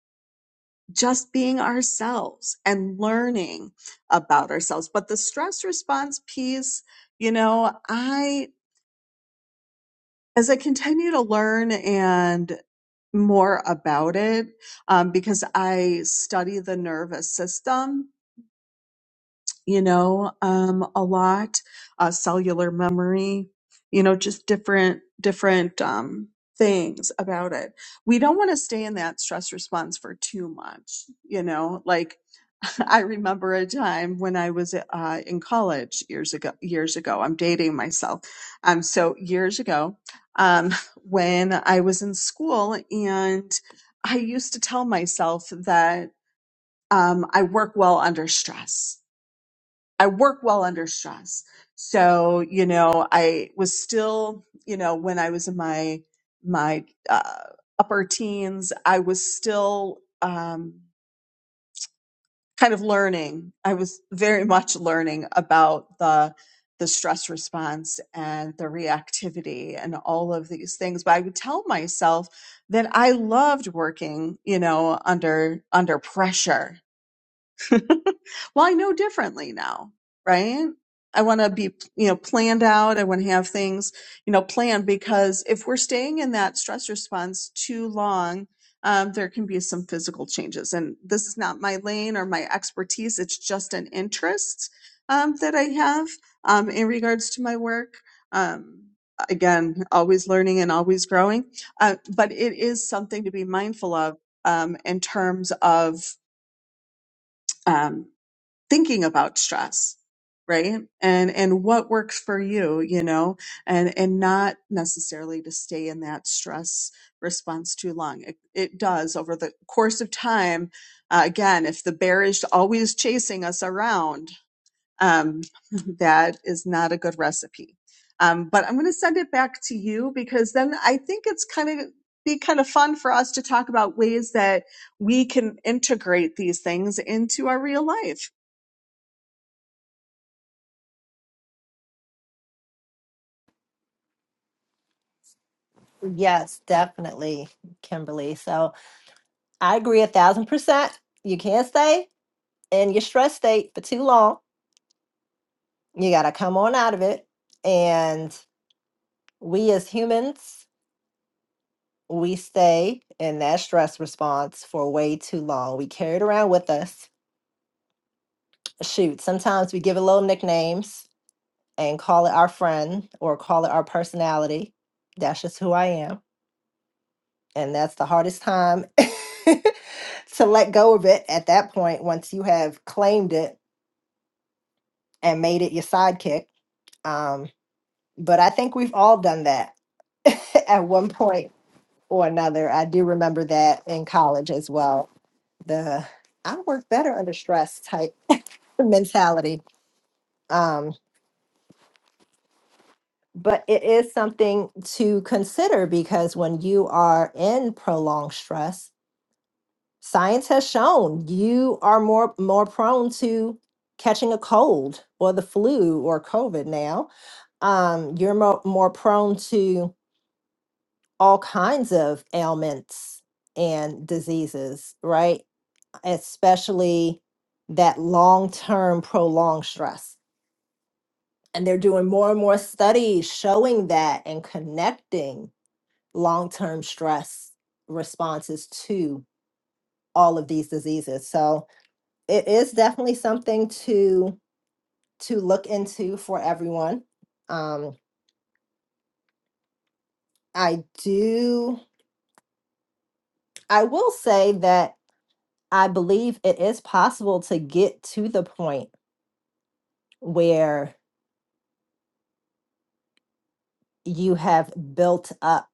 Speaker 1: just being ourselves and learning about ourselves. But the stress response piece, you know, I, as I continue to learn and more about it, um, because I study the nervous system you know, um, a lot, uh, cellular memory, you know, just different, different, um, things about it. We don't want to stay in that stress response for too much, you know, like I remember a time when I was, uh, in college years ago, years ago, I'm dating myself. Um, so years ago, um, when I was in school and I used to tell myself that, um, I work well under stress I work well under stress. So, you know, I was still, you know, when I was in my my uh, upper teens, I was still um, kind of learning. I was very much learning about the the stress response and the reactivity and all of these things. But I would tell myself that I loved working, you know, under under pressure well, I know differently now, right? I want to be, you know, planned out. I want to have things, you know, planned because if we're staying in that stress response too long, um, there can be some physical changes. And this is not my lane or my expertise. It's just an interest um, that I have um, in regards to my work. Um, again, always learning and always growing. Uh, but it is something to be mindful of um, in terms of. Um, thinking about stress right and and what works for you you know and and not necessarily to stay in that stress response too long it, it does over the course of time uh, again if the bear is always chasing us around um, that is not a good recipe um, but i'm going to send it back to you because then i think it's kind of be kind of fun for us to talk about ways that we can integrate these things into our real life
Speaker 2: Yes, definitely, Kimberly. So I agree a thousand percent. You can't stay in your stress state for too long. You got to come on out of it. And we as humans, we stay in that stress response for way too long. We carry it around with us. Shoot, sometimes we give it little nicknames and call it our friend or call it our personality. That's just who I am. And that's the hardest time to let go of it at that point once you have claimed it and made it your sidekick. Um, but I think we've all done that at one point or another. I do remember that in college as well. The I work better under stress type mentality. Um, but it is something to consider because when you are in prolonged stress science has shown you are more more prone to catching a cold or the flu or covid now um, you're more, more prone to all kinds of ailments and diseases right especially that long-term prolonged stress and they're doing more and more studies showing that and connecting long-term stress responses to all of these diseases. So it is definitely something to to look into for everyone. Um, I do. I will say that I believe it is possible to get to the point where you have built up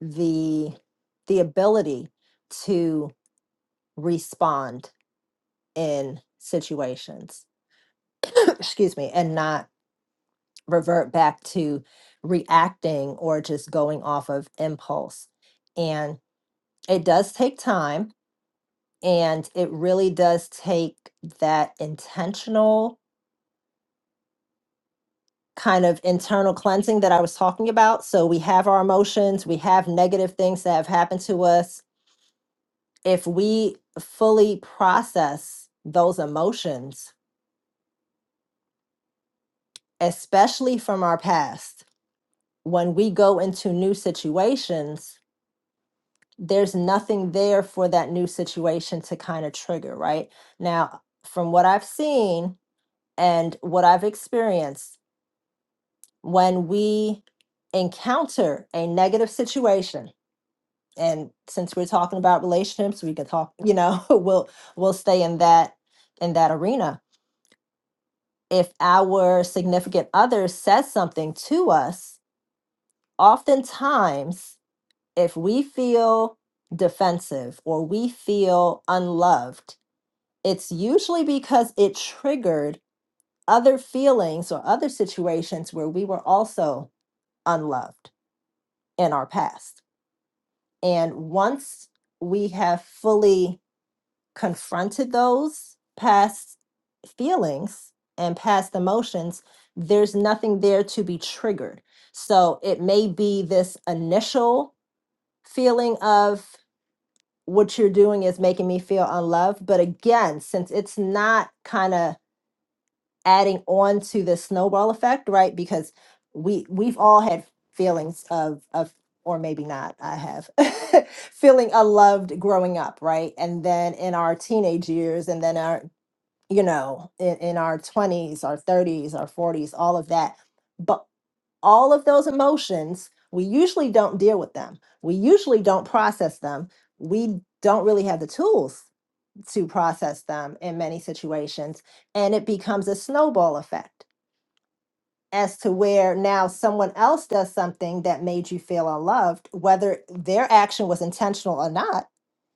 Speaker 2: the the ability to respond in situations excuse me and not revert back to reacting or just going off of impulse. And it does take time and it really does take that intentional kind of internal cleansing that I was talking about. So we have our emotions, we have negative things that have happened to us. If we fully process those emotions, especially from our past, when we go into new situations, there's nothing there for that new situation to kind of trigger, right? Now, from what I've seen and what I've experienced, when we encounter a negative situation, and since we're talking about relationships, we can talk, you know, we'll we'll stay in that in that arena. If our significant other says something to us, oftentimes if we feel defensive or we feel unloved, it's usually because it triggered other feelings or other situations where we were also unloved in our past. And once we have fully confronted those past feelings and past emotions, there's nothing there to be triggered. So it may be this initial feeling of what you're doing is making me feel unloved. But again, since it's not kind of adding on to the snowball effect, right? Because we we've all had feelings of of or maybe not, I have feeling unloved growing up, right? And then in our teenage years and then our you know, in, in our 20s, our 30s, our 40s, all of that. But all of those emotions, we usually don't deal with them. We usually don't process them. We don't really have the tools to process them in many situations and it becomes a snowball effect as to where now someone else does something that made you feel unloved, whether their action was intentional or not.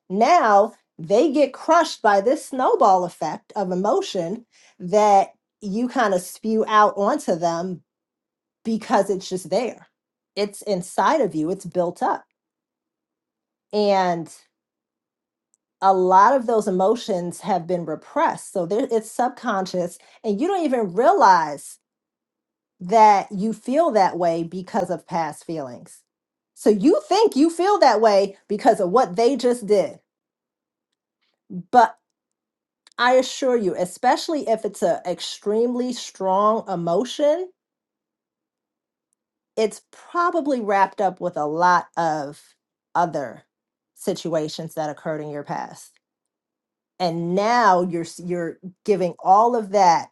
Speaker 2: Now they get crushed by this snowball effect of emotion that you kind of spew out onto them because it's just there. It's inside of you, it's built up. And a lot of those emotions have been repressed. So there, it's subconscious, and you don't even realize that you feel that way because of past feelings. So you think you feel that way because of what they just did. But I assure you, especially if it's an extremely strong emotion, it's probably wrapped up with a lot of other situations that occurred in your past. And now you're s- you're giving all of that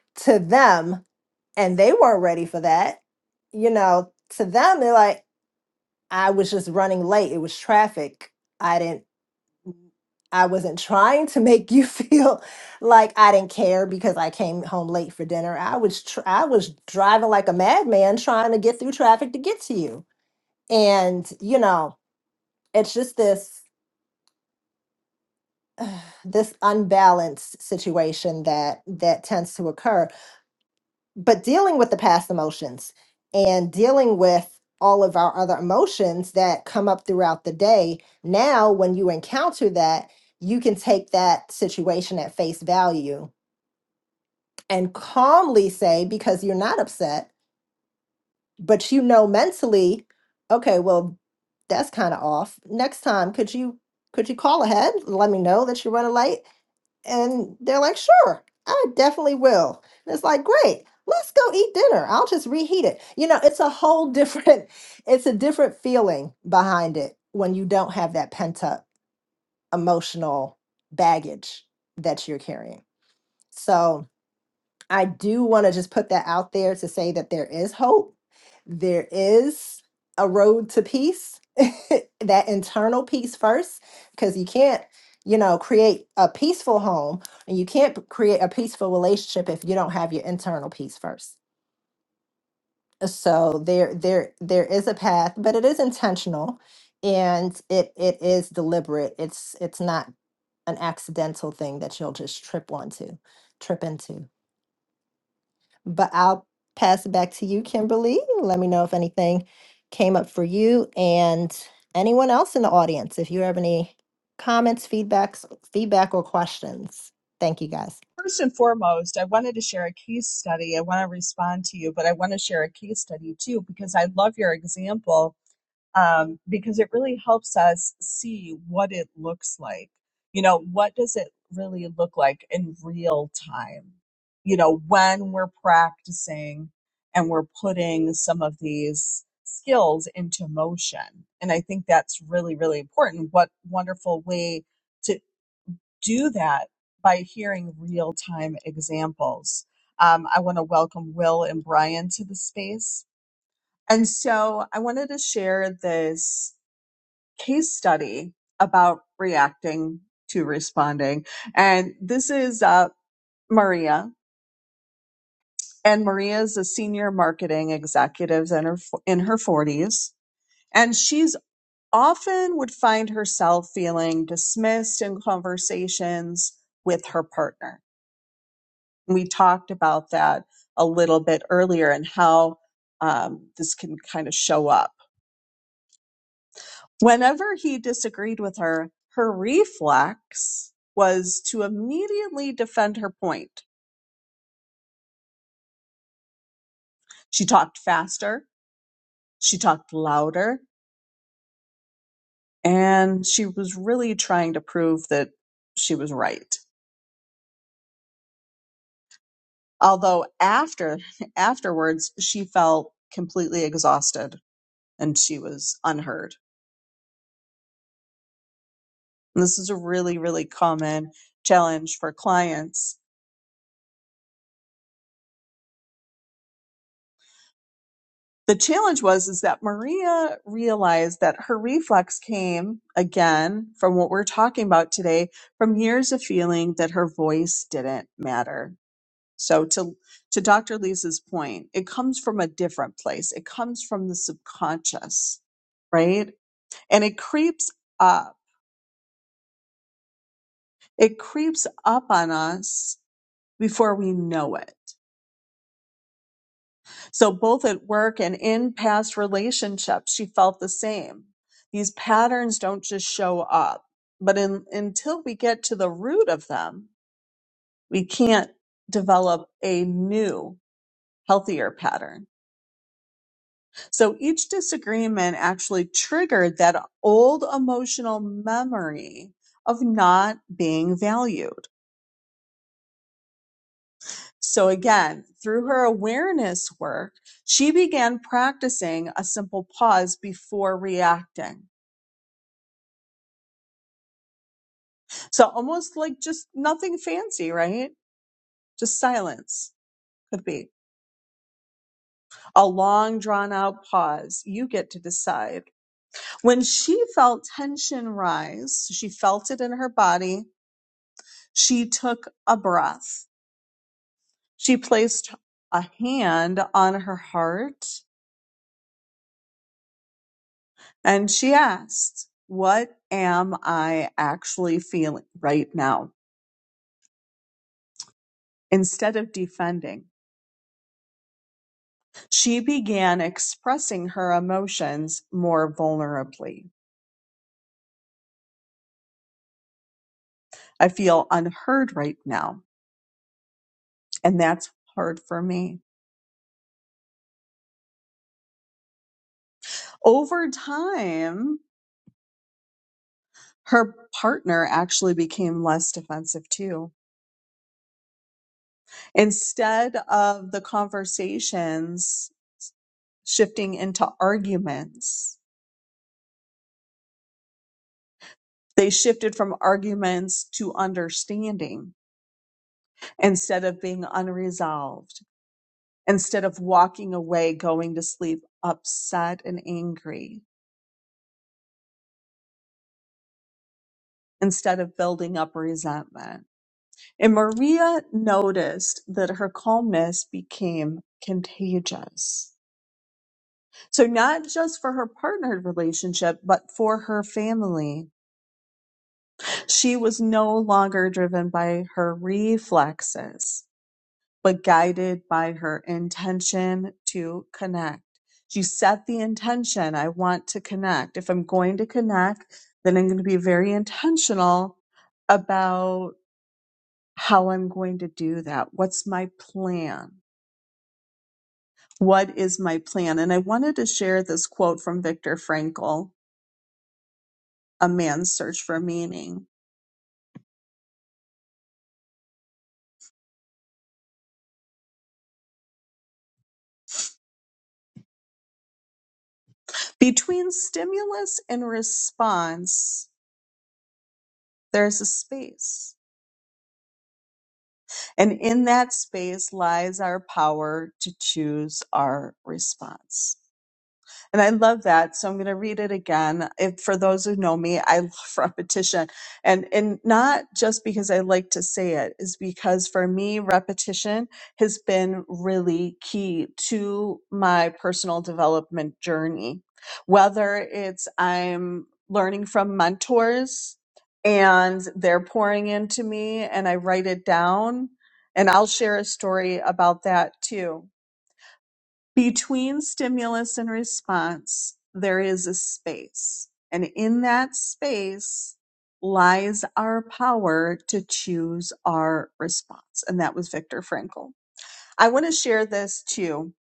Speaker 2: to them and they weren't ready for that. You know, to them they're like I was just running late. It was traffic. I didn't I wasn't trying to make you feel like I didn't care because I came home late for dinner. I was tr- I was driving like a madman trying to get through traffic to get to you. And you know, it's just this this unbalanced situation that that tends to occur. but dealing with the past emotions and dealing with all of our other emotions that come up throughout the day now when you encounter that you can take that situation at face value and calmly say because you're not upset but you know mentally okay well that's kind of off next time could you could you call ahead let me know that you run a light and they're like, sure, I definitely will. And it's like, great, let's go eat dinner. I'll just reheat it. You know, it's a whole different, it's a different feeling behind it when you don't have that pent up emotional baggage that you're carrying. So, I do want to just put that out there to say that there is hope. There is a road to peace, that internal peace first, because you can't, you know, create a peaceful home and you can't p- create a peaceful relationship if you don't have your internal peace first. So there there there is a path, but it is intentional and it it is deliberate. It's it's not an accidental thing that you'll just trip onto, trip into. But I'll pass it back to you, Kimberly. Let me know if anything came up for you and anyone else in the audience, if you have any comments, feedbacks, feedback or questions. Thank you guys.
Speaker 1: First and foremost, I wanted to share a case study. I want to respond to you, but I want to share a case study too because I love your example um, because it really helps us see what it looks like. You know, what does it really look like in real time? You know, when we're practicing and we're putting some of these skills into motion. And I think that's really, really important. What wonderful way! to do that by hearing real time examples. Um, I want to welcome Will and Brian to the space. And so I wanted to share this case study about reacting to responding. And this is uh, Maria. And Maria is a senior marketing executive in her, in her 40s. And she's often would find herself feeling dismissed in conversations with her partner We talked about that a little bit earlier and how um, this can kind of show up. Whenever he disagreed with her, her reflex was to immediately defend her point. She talked faster, she talked louder, and she was really trying to prove that she was right. Although after afterwards she felt completely exhausted and she was unheard. And this is a really, really common challenge for clients. The challenge was is that Maria realized that her reflex came again from what we're talking about today from years of feeling that her voice didn't matter. So to to Dr. Lisa's point, it comes from a different place. It comes from the subconscious, right? And it creeps up. It creeps up on us before we know it So, both at work and in past relationships, she felt the same. These patterns don't just show up, but in, until we get to the root of them, we can't develop a new, healthier pattern. So, each disagreement actually triggered that old emotional memory of not being valued. So, again, through her awareness work, she began practicing a simple pause before reacting So almost like just nothing fancy, right? Just silence could be a long drawn out pause. You get to decide. When she felt tension rise, so she felt it in her body. She took a breath. She placed a hand on her heart and she asked, what am I actually feeling right now? Instead of defending, she began expressing her emotions more vulnerably. I feel unheard right now. And that's hard for me. Over time, her partner actually became less defensive too. Instead of the conversations shifting into arguments, they shifted from arguments to understanding instead of being unresolved, instead of walking away, going to sleep upset and angry, instead of building up resentment. And Maria noticed that her calmness became contagious. So, not just for her partnered relationship, but for her family. She was no longer driven by her reflexes, but guided by her intention to connect. She set the intention I want to connect. If I'm going to connect, then I'm going to be very intentional about how I'm going to do that. What's my plan? What is my plan? And I wanted to share this quote from Viktor Frankl, A Man's Search for Meaning. Between stimulus and response, there's a space. And in that space lies our power to choose our response. And I love that. So I'm going to read it again. If, for those who know me, I love repetition. And, and not just because I like to say it, is because for me, repetition has been really key to my personal development journey. Whether it's I'm learning from mentors and they're pouring into me and I write it down, and I'll share a story about that too between stimulus and response, there is a space. And in that space lies our power to choose our response. And that was Viktor Frankl. I want to share this too.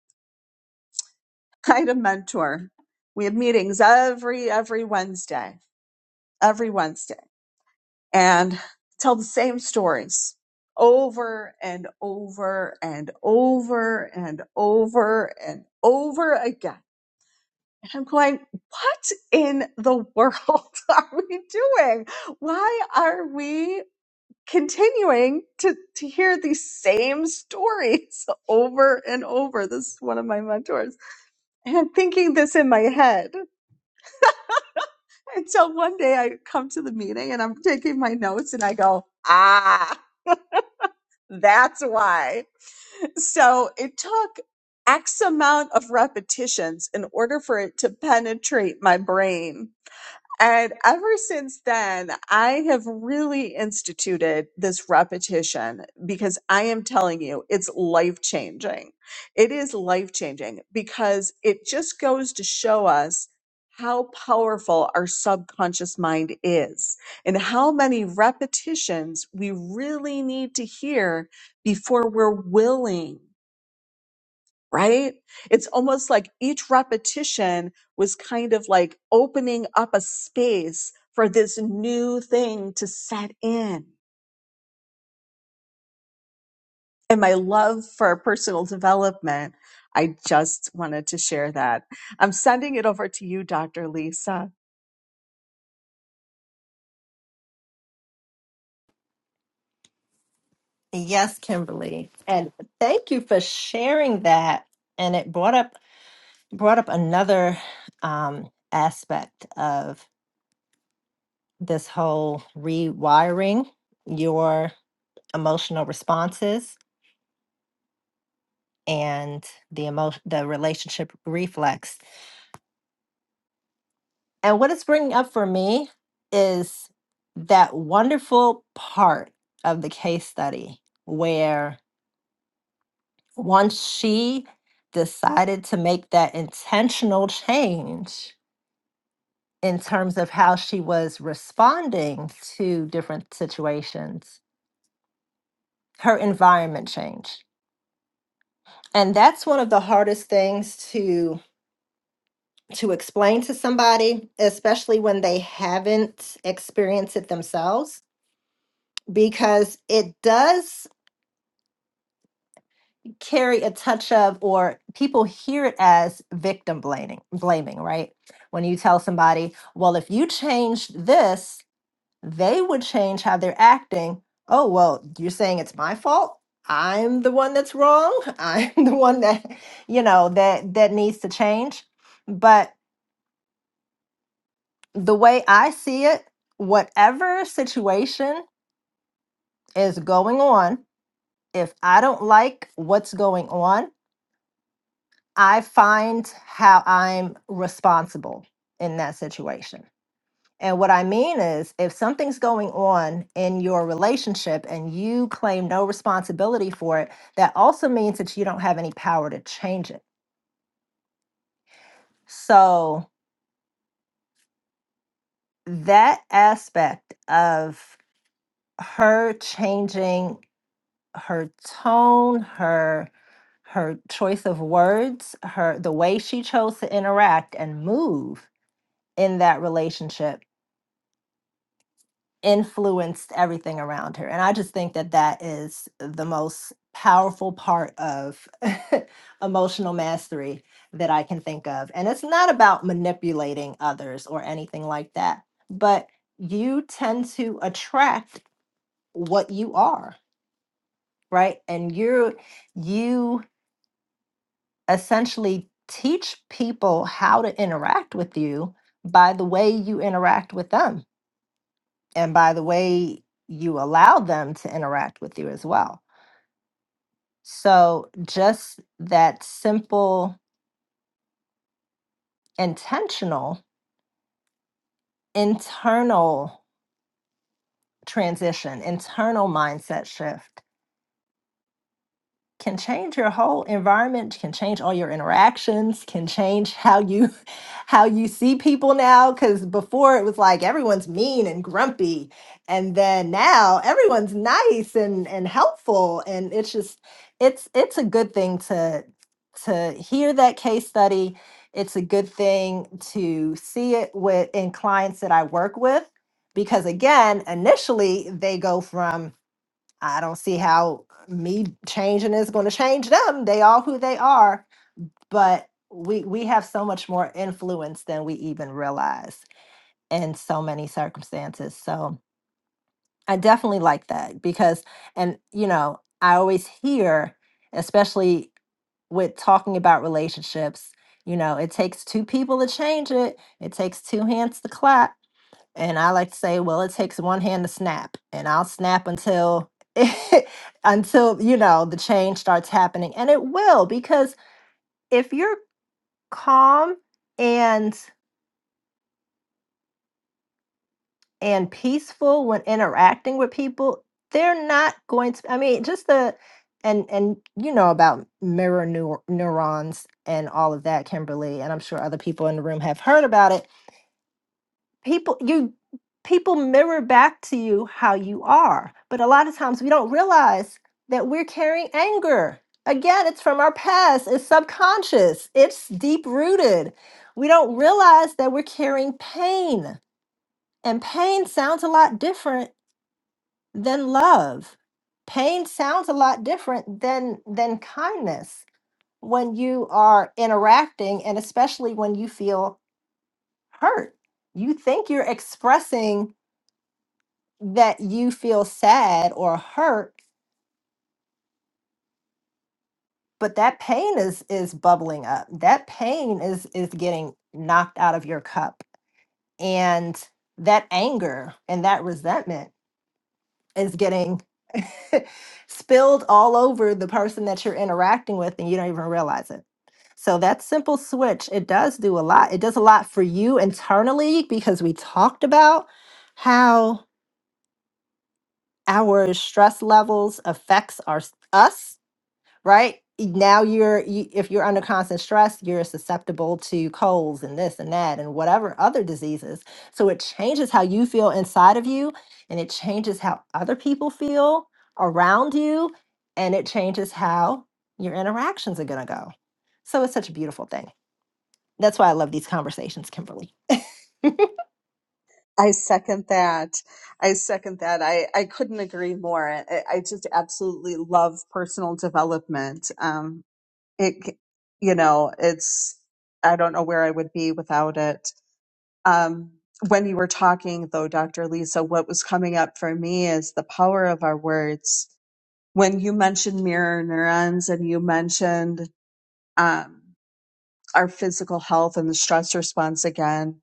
Speaker 1: I had a mentor. We had meetings every, every Wednesday, every Wednesday, and tell the same stories over and over and over and over and over again And I'm going, what in the world are we doing? Why are we continuing to, to hear these same stories over and over? This is one of my mentors. And I'm thinking this in my head. Until one day I come to the meeting and I'm taking my notes and I go, ah, that's why. So it took X amount of repetitions in order for it to penetrate my brain And ever since then, I have really instituted this repetition because I am telling you, it's life changing. It is life changing because it just goes to show us how powerful our subconscious mind is and how many repetitions we really need to hear before we're willing right? It's almost like each repetition was kind of like opening up a space for this new thing to set in. And my love for personal development, I just wanted to share that. I'm sending it over to you, Dr. Lisa.
Speaker 2: Yes, Kimberly. And thank you for sharing that. And it brought up brought up another um, aspect of this whole rewiring your emotional responses and the emo- the relationship reflex And what it's bringing up for me is that wonderful part of the case study where once she decided to make that intentional change in terms of how she was responding to different situations, her environment changed. And that's one of the hardest things to to explain to somebody, especially when they haven't experienced it themselves because it does carry a touch of or people hear it as victim blaming blaming right when you tell somebody well if you changed this they would change how they're acting oh well you're saying it's my fault i'm the one that's wrong i'm the one that you know that that needs to change but the way i see it whatever situation is going on if i don't like what's going on I find how I'm responsible in that situation. And what I mean is, if something's going on in your relationship and you claim no responsibility for it, that also means that you don't have any power to change it. So, that aspect of her changing her tone, her her choice of words, her the way she chose to interact and move in that relationship influenced everything around her. And I just think that that is the most powerful part of emotional mastery that I can think of. And it's not about manipulating others or anything like that, but you tend to attract what you are, right? And you're, you essentially teach people how to interact with you by the way you interact with them and by the way you allow them to interact with you as well. So just that simple, intentional, internal transition, internal mindset shift can change your whole environment can change all your interactions can change how you how you see people now because before it was like everyone's mean and grumpy and then now everyone's nice and and helpful and it's just it's it's a good thing to to hear that case study it's a good thing to see it with in clients that i work with because again initially they go from I don't see how me changing is going to change them. They are who they are, but we we have so much more influence than we even realize in so many circumstances. So I definitely like that because and you know, I always hear especially with talking about relationships, you know, it takes two people to change it. It takes two hands to clap and I like to say, well, it takes one hand to snap, and I'll snap until until, you know, the change starts happening. And it will because if you're calm and and peaceful when interacting with people, they're not going to I mean, just the and and you know about mirror neur- neurons and all of that, Kimberly, and I'm sure other people in the room have heard about it people you people mirror back to you how you are but a lot of times we don't realize that we're carrying anger again it's from our past it's subconscious it's deep rooted we don't realize that we're carrying pain and pain sounds a lot different than love pain sounds a lot different than than kindness when you are interacting and especially when you feel hurt you think you're expressing that you feel sad or hurt but that pain is is bubbling up that pain is is getting knocked out of your cup and that anger and that resentment is getting spilled all over the person that you're interacting with and you don't even realize it so that simple switch it does do a lot it does a lot for you internally because we talked about how our stress levels affects our us right? Now you're you, if you're under constant stress, you're susceptible to colds and this and that and whatever other diseases. So it changes how you feel inside of you and it changes how other people feel around you and it changes how your interactions are going to go. So it's such a beautiful thing. That's why I love these conversations, Kimberly.
Speaker 1: I second that. I second that. I, I couldn't agree more. I, I just absolutely love personal development. Um, it, you know, it's, I don't know where I would be without it. Um, when you were talking, though, Dr. Lisa, what was coming up for me is the power of our words. When you mentioned mirror neurons and you mentioned um, our physical health and the stress response again,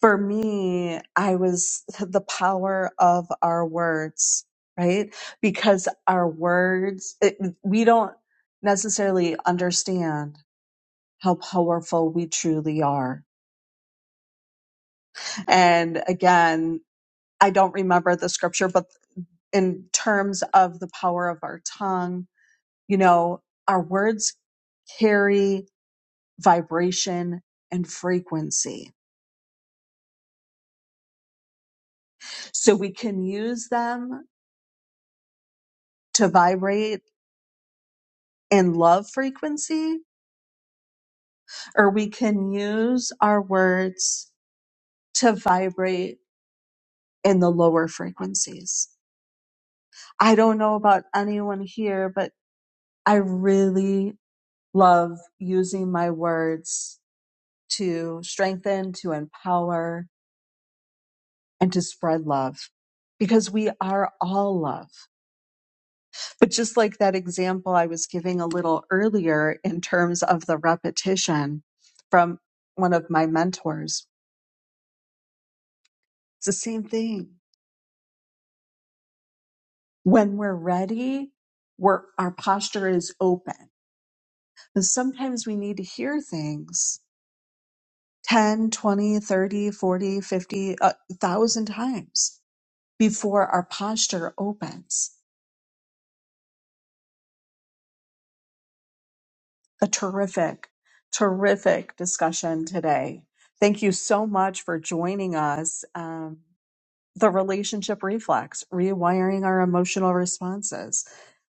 Speaker 1: for me, I was the power of our words, right? Because our words, it, we don't necessarily understand how powerful we truly are. And again, I don't remember the scripture, but in terms of the power of our tongue. You know, our words carry vibration and frequency. So we can use them to vibrate in love frequency, or we can use our words to vibrate in the lower frequencies. I don't know about anyone here, but I really love using my words to strengthen, to empower, and to spread love because we are all love. But just like that example I was giving a little earlier in terms of the repetition from one of my mentors, it's the same thing. When we're ready, we're, our posture is open. And sometimes we need to hear things 10, 20, 30, 40, 50, a thousand times before our posture opens. a terrific, terrific discussion today. Thank you so much for joining us. Um, the relationship reflex, rewiring our emotional responses.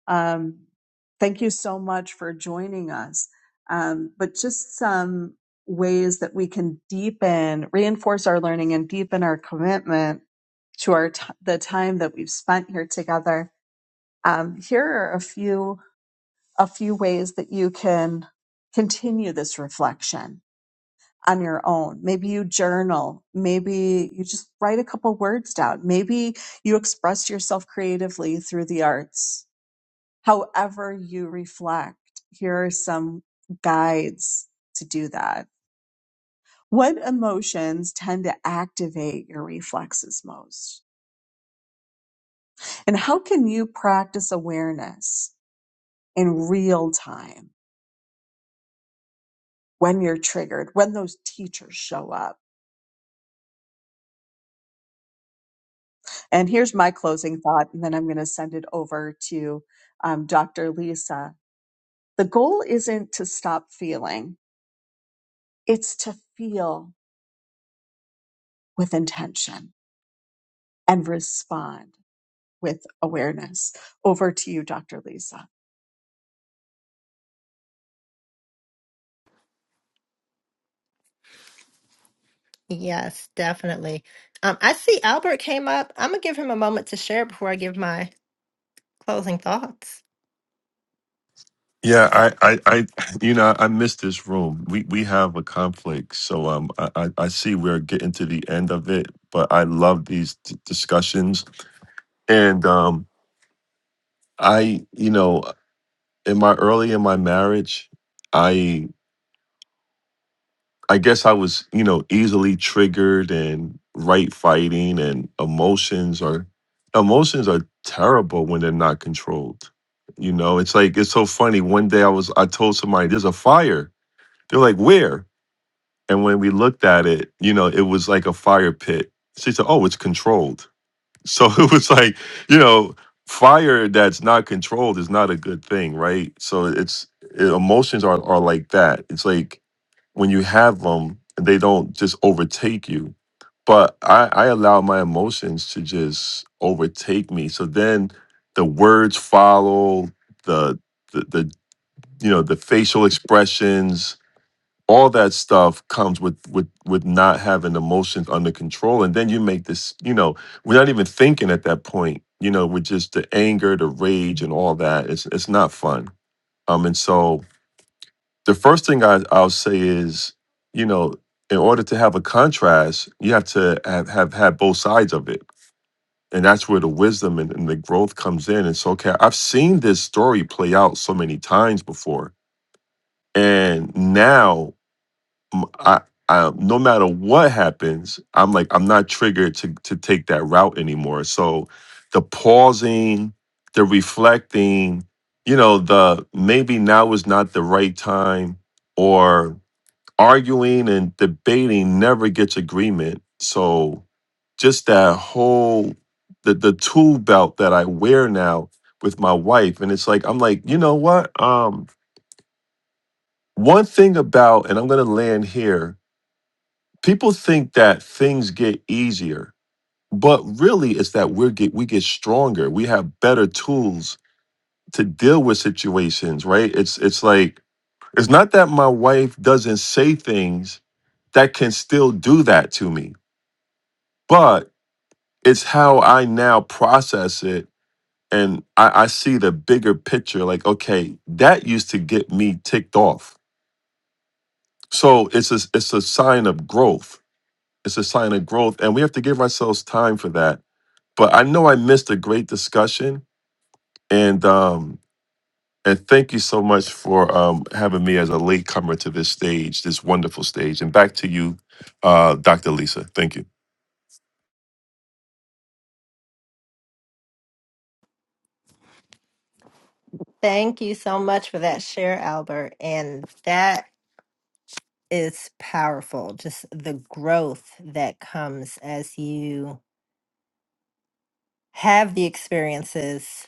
Speaker 1: Um, thank you so much for joining us. Um, but just some ways that we can deepen, reinforce our learning, and deepen our commitment to our t- the time that we've spent here together. Um, here are a few a few ways that you can continue this reflection on your own. Maybe you journal. Maybe you just write a couple words down. Maybe you express yourself creatively through the arts. However you reflect, here are some guides to do that. What emotions tend to activate your reflexes most? And how can you practice awareness in real time when you're triggered, when those teachers show up? And here's my closing thought, and then I'm going to send it over to um, Dr. Lisa. The goal isn't to stop feeling, it's to feel with intention and respond with awareness. Over to you, Dr. Lisa.
Speaker 2: Yes, definitely. Um, I see Albert came up. I'm gonna give him a moment to share before I give my closing thoughts.
Speaker 3: Yeah, I, I, I, you know, I miss this room. We we have a conflict, so um, I, I I see we're getting to the end of it, but I love these d- discussions, and um, I, you know, in my early in my marriage, I, I guess I was, you know, easily triggered and right fighting, and emotions are, emotions are terrible when they're not controlled. You know, it's like it's so funny. One day I was, I told somebody, "There's a fire." They're like, "Where?" And when we looked at it, you know, it was like a fire pit. She said, Oh, it's controlled. So it was like, you know, fire that's not controlled is not a good thing, right? So it's it, emotions are, are like that. It's like when you have them, they don't just overtake you. But I, I allow my emotions to just overtake me. So then the words follow, the, the, the you know, the facial expressions, all that stuff comes with with with not having emotions under control and then you make this you know we're not even thinking at that point you know with just the anger the rage and all that it's it's not fun um and so the first thing I, i'll say is you know in order to have a contrast you have to have have, have both sides of it and that's where the wisdom and, and the growth comes in and so okay i've seen this story play out so many times before and now m- I, I- no matter what happens, I'm like I'm not triggered to to take that route anymore. So the pausing, the reflecting, you know, the maybe now is not the right time, or arguing and debating never gets agreement. So just that whole the the tool belt that I wear now with my wife, and it's like I'm like, you know what? Um, one thing about, and I'm gonna land here people think that things get easier but really it's that we get we get stronger we have better tools to deal with situations right it's it's like it's not that my wife doesn't say things that can still do that to me but it's how i now process it and i, I see the bigger picture like okay that used to get me ticked off so it's a, it's a sign of growth it's a sign of growth and we have to give ourselves time for that but I know I missed a great discussion, and um, and thank you so much for um, having me as a latecomer to this stage, this wonderful stage. And back to you, uh, Dr. Lisa. Thank you.
Speaker 2: Thank you so much for that share, Albert. And that is powerful. Just the growth that comes as you have the experiences,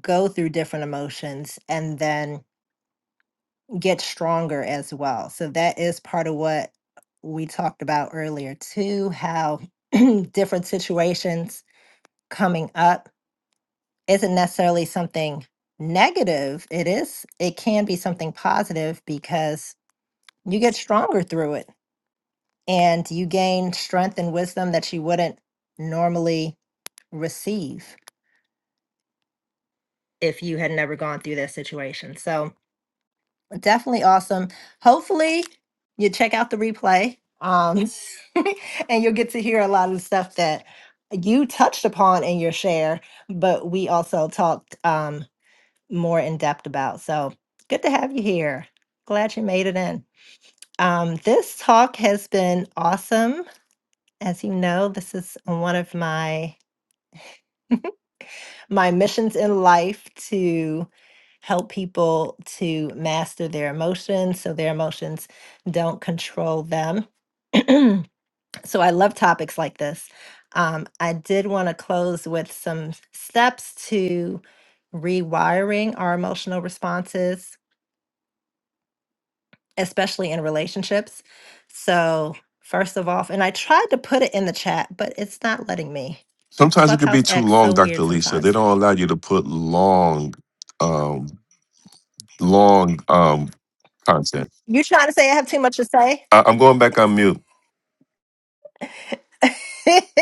Speaker 2: go through different emotions, and then get stronger as well. So, that is part of what we talked about earlier, too, how different situations coming up isn't necessarily something negative. It is, it can be something positive because you get stronger through it and you gain strength and wisdom that you wouldn't normally receive if you had never gone through that situation. So definitely awesome. Hopefully you check out the replay um, and you'll get to hear a lot of the stuff that you touched upon in your share, but we also talked um, more in depth about. So good to have you here. Glad you made it in. Um, this talk has been awesome. As you know, this is one of my my missions in life to help people to master their emotions so their emotions don't control them. so I love topics like this. Um, I did want to close with some steps to rewiring our emotional responses, especially in relationships. So, first of all, and I tried to put it in the chat, but it's not letting me.
Speaker 3: Sometimes it could be
Speaker 2: Clubhouse
Speaker 3: too
Speaker 2: acts
Speaker 3: long,
Speaker 2: so
Speaker 3: Dr.
Speaker 2: weird
Speaker 3: Lisa. They
Speaker 2: sometimes.
Speaker 3: don't allow you to put long, um, long um, content.
Speaker 2: You trying to say I have too much to say?
Speaker 3: I- I'm going back on mute.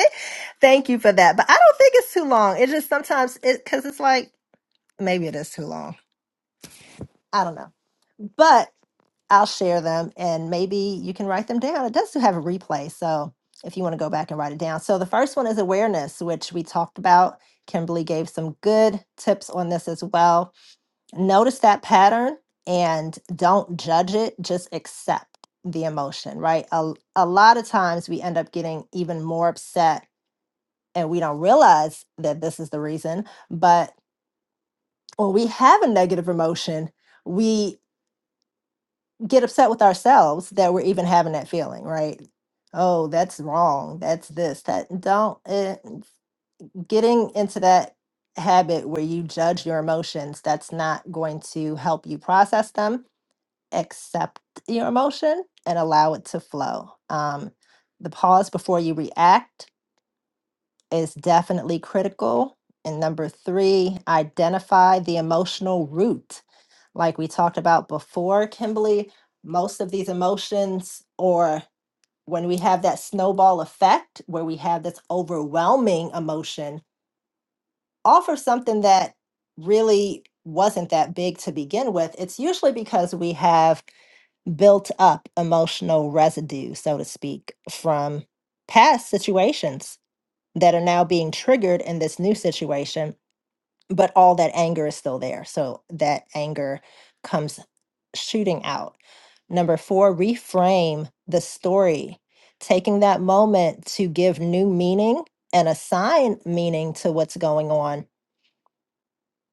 Speaker 2: Thank you for that. But I don't think it's too long. It's just sometimes it because it's like maybe it is too long. I don't know. But I'll share them and maybe you can write them down. It does have a replay. So if you want to go back and write it down. So the first one is awareness, which we talked about. Kimberly gave some good tips on this as well. Notice that pattern and don't judge it, just accept the emotion, right? A, a lot of times we end up getting even more upset and we don't realize that this is the reason. But when we have a negative emotion, we get upset with ourselves that we're even having that feeling, right? Oh, that's wrong. That's this. That don't eh, getting into that habit where you judge your emotions. That's not going to help you process them. Accept your emotion and allow it to flow. Um, the pause before you react is definitely critical. And number three, identify the emotional root. Like we talked about before, Kimberly, most of these emotions, or when we have that snowball effect where we have this overwhelming emotion, all for something that really wasn't that big to begin with, it's usually because we have built up emotional residue, so to speak, from past situations that are now being triggered in this new situation, but all that anger is still there. So that anger comes shooting out. Number four, reframe the story, taking that moment to give new meaning and assign meaning to what's going on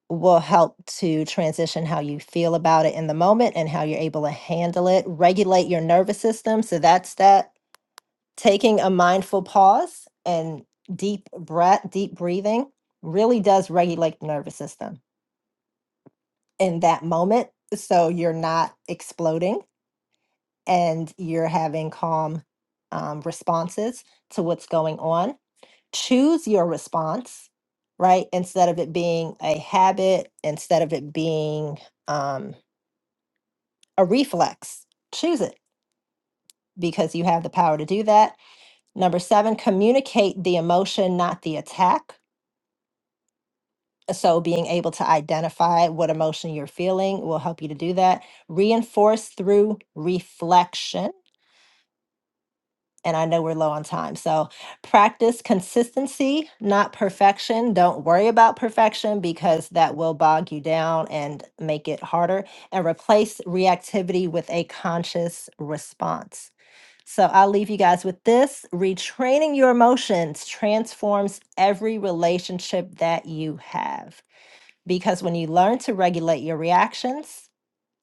Speaker 2: will help to transition how you feel about it in the moment and how you're able to handle it regulate your nervous system so that's that taking a mindful pause and deep breath, deep breathing really does regulate the nervous system in that moment. So you're not exploding and you're having calm um, responses to what's going on. Choose your response, right? Instead of it being a habit, instead of it being um, a reflex, choose it because you have the power to do that. Number seven, communicate the emotion, not the attack So, being able to identify what emotion you're feeling will help you to do that. Reinforce through reflection. And I know we're low on time. So, practice consistency, not perfection. Don't worry about perfection because that will bog you down and make it harder. And replace reactivity with a conscious response. So, I'll leave you guys with this retraining your emotions transforms every relationship that you have. Because when you learn to regulate your reactions,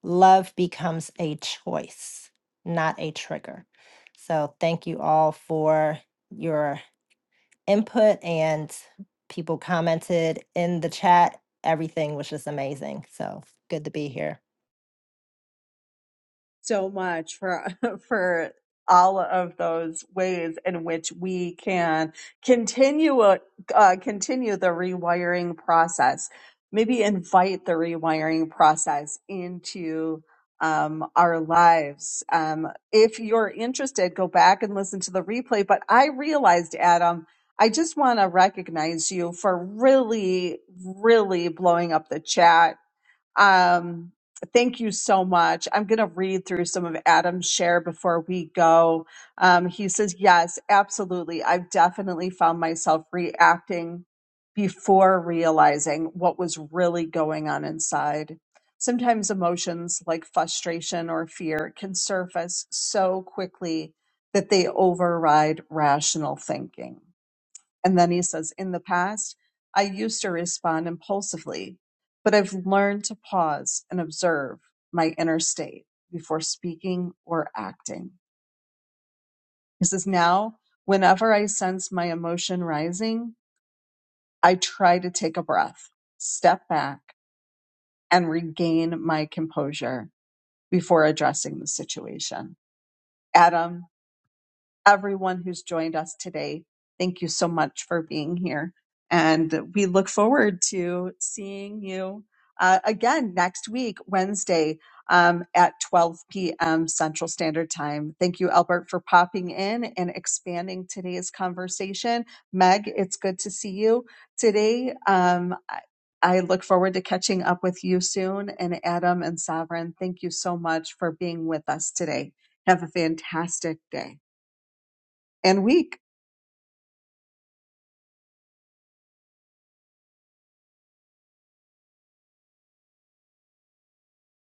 Speaker 2: love becomes a choice, not a trigger. So, thank you all for your input and people commented in the chat. Everything was just amazing. So, good to be here.
Speaker 1: so much for for all of those ways in which we can continue uh, uh, continue the rewiring process. Maybe invite the rewiring process into um, our lives. Um, if you're interested, go back and listen to the replay. But I realized, Adam, I just want to recognize you for really, really blowing up the chat um, thank you so much. I'm going to read through some of Adam's share before we go. Um, he says, Yes, absolutely. I've definitely found myself reacting before realizing what was really going on inside. Sometimes emotions like frustration or fear can surface so quickly that they override rational thinking. And then he says, In the past, I used to respond impulsively, but I've learned to pause and observe my inner state before speaking or acting. He says, Now, whenever I sense my emotion rising, I try to take a breath, step back, and regain my composure before addressing the situation. Adam, everyone who's joined us today. Thank you so much for being here. And we look forward to seeing you uh, again next week, Wednesday um, at 12 p.m. Central Standard Time. Thank you, Albert, for popping in and expanding today's conversation. Meg, it's good to see you today. Um, I I look forward to catching up with you soon. And Adam and Sovereign, thank you so much for being with us today. Have a fantastic day and weak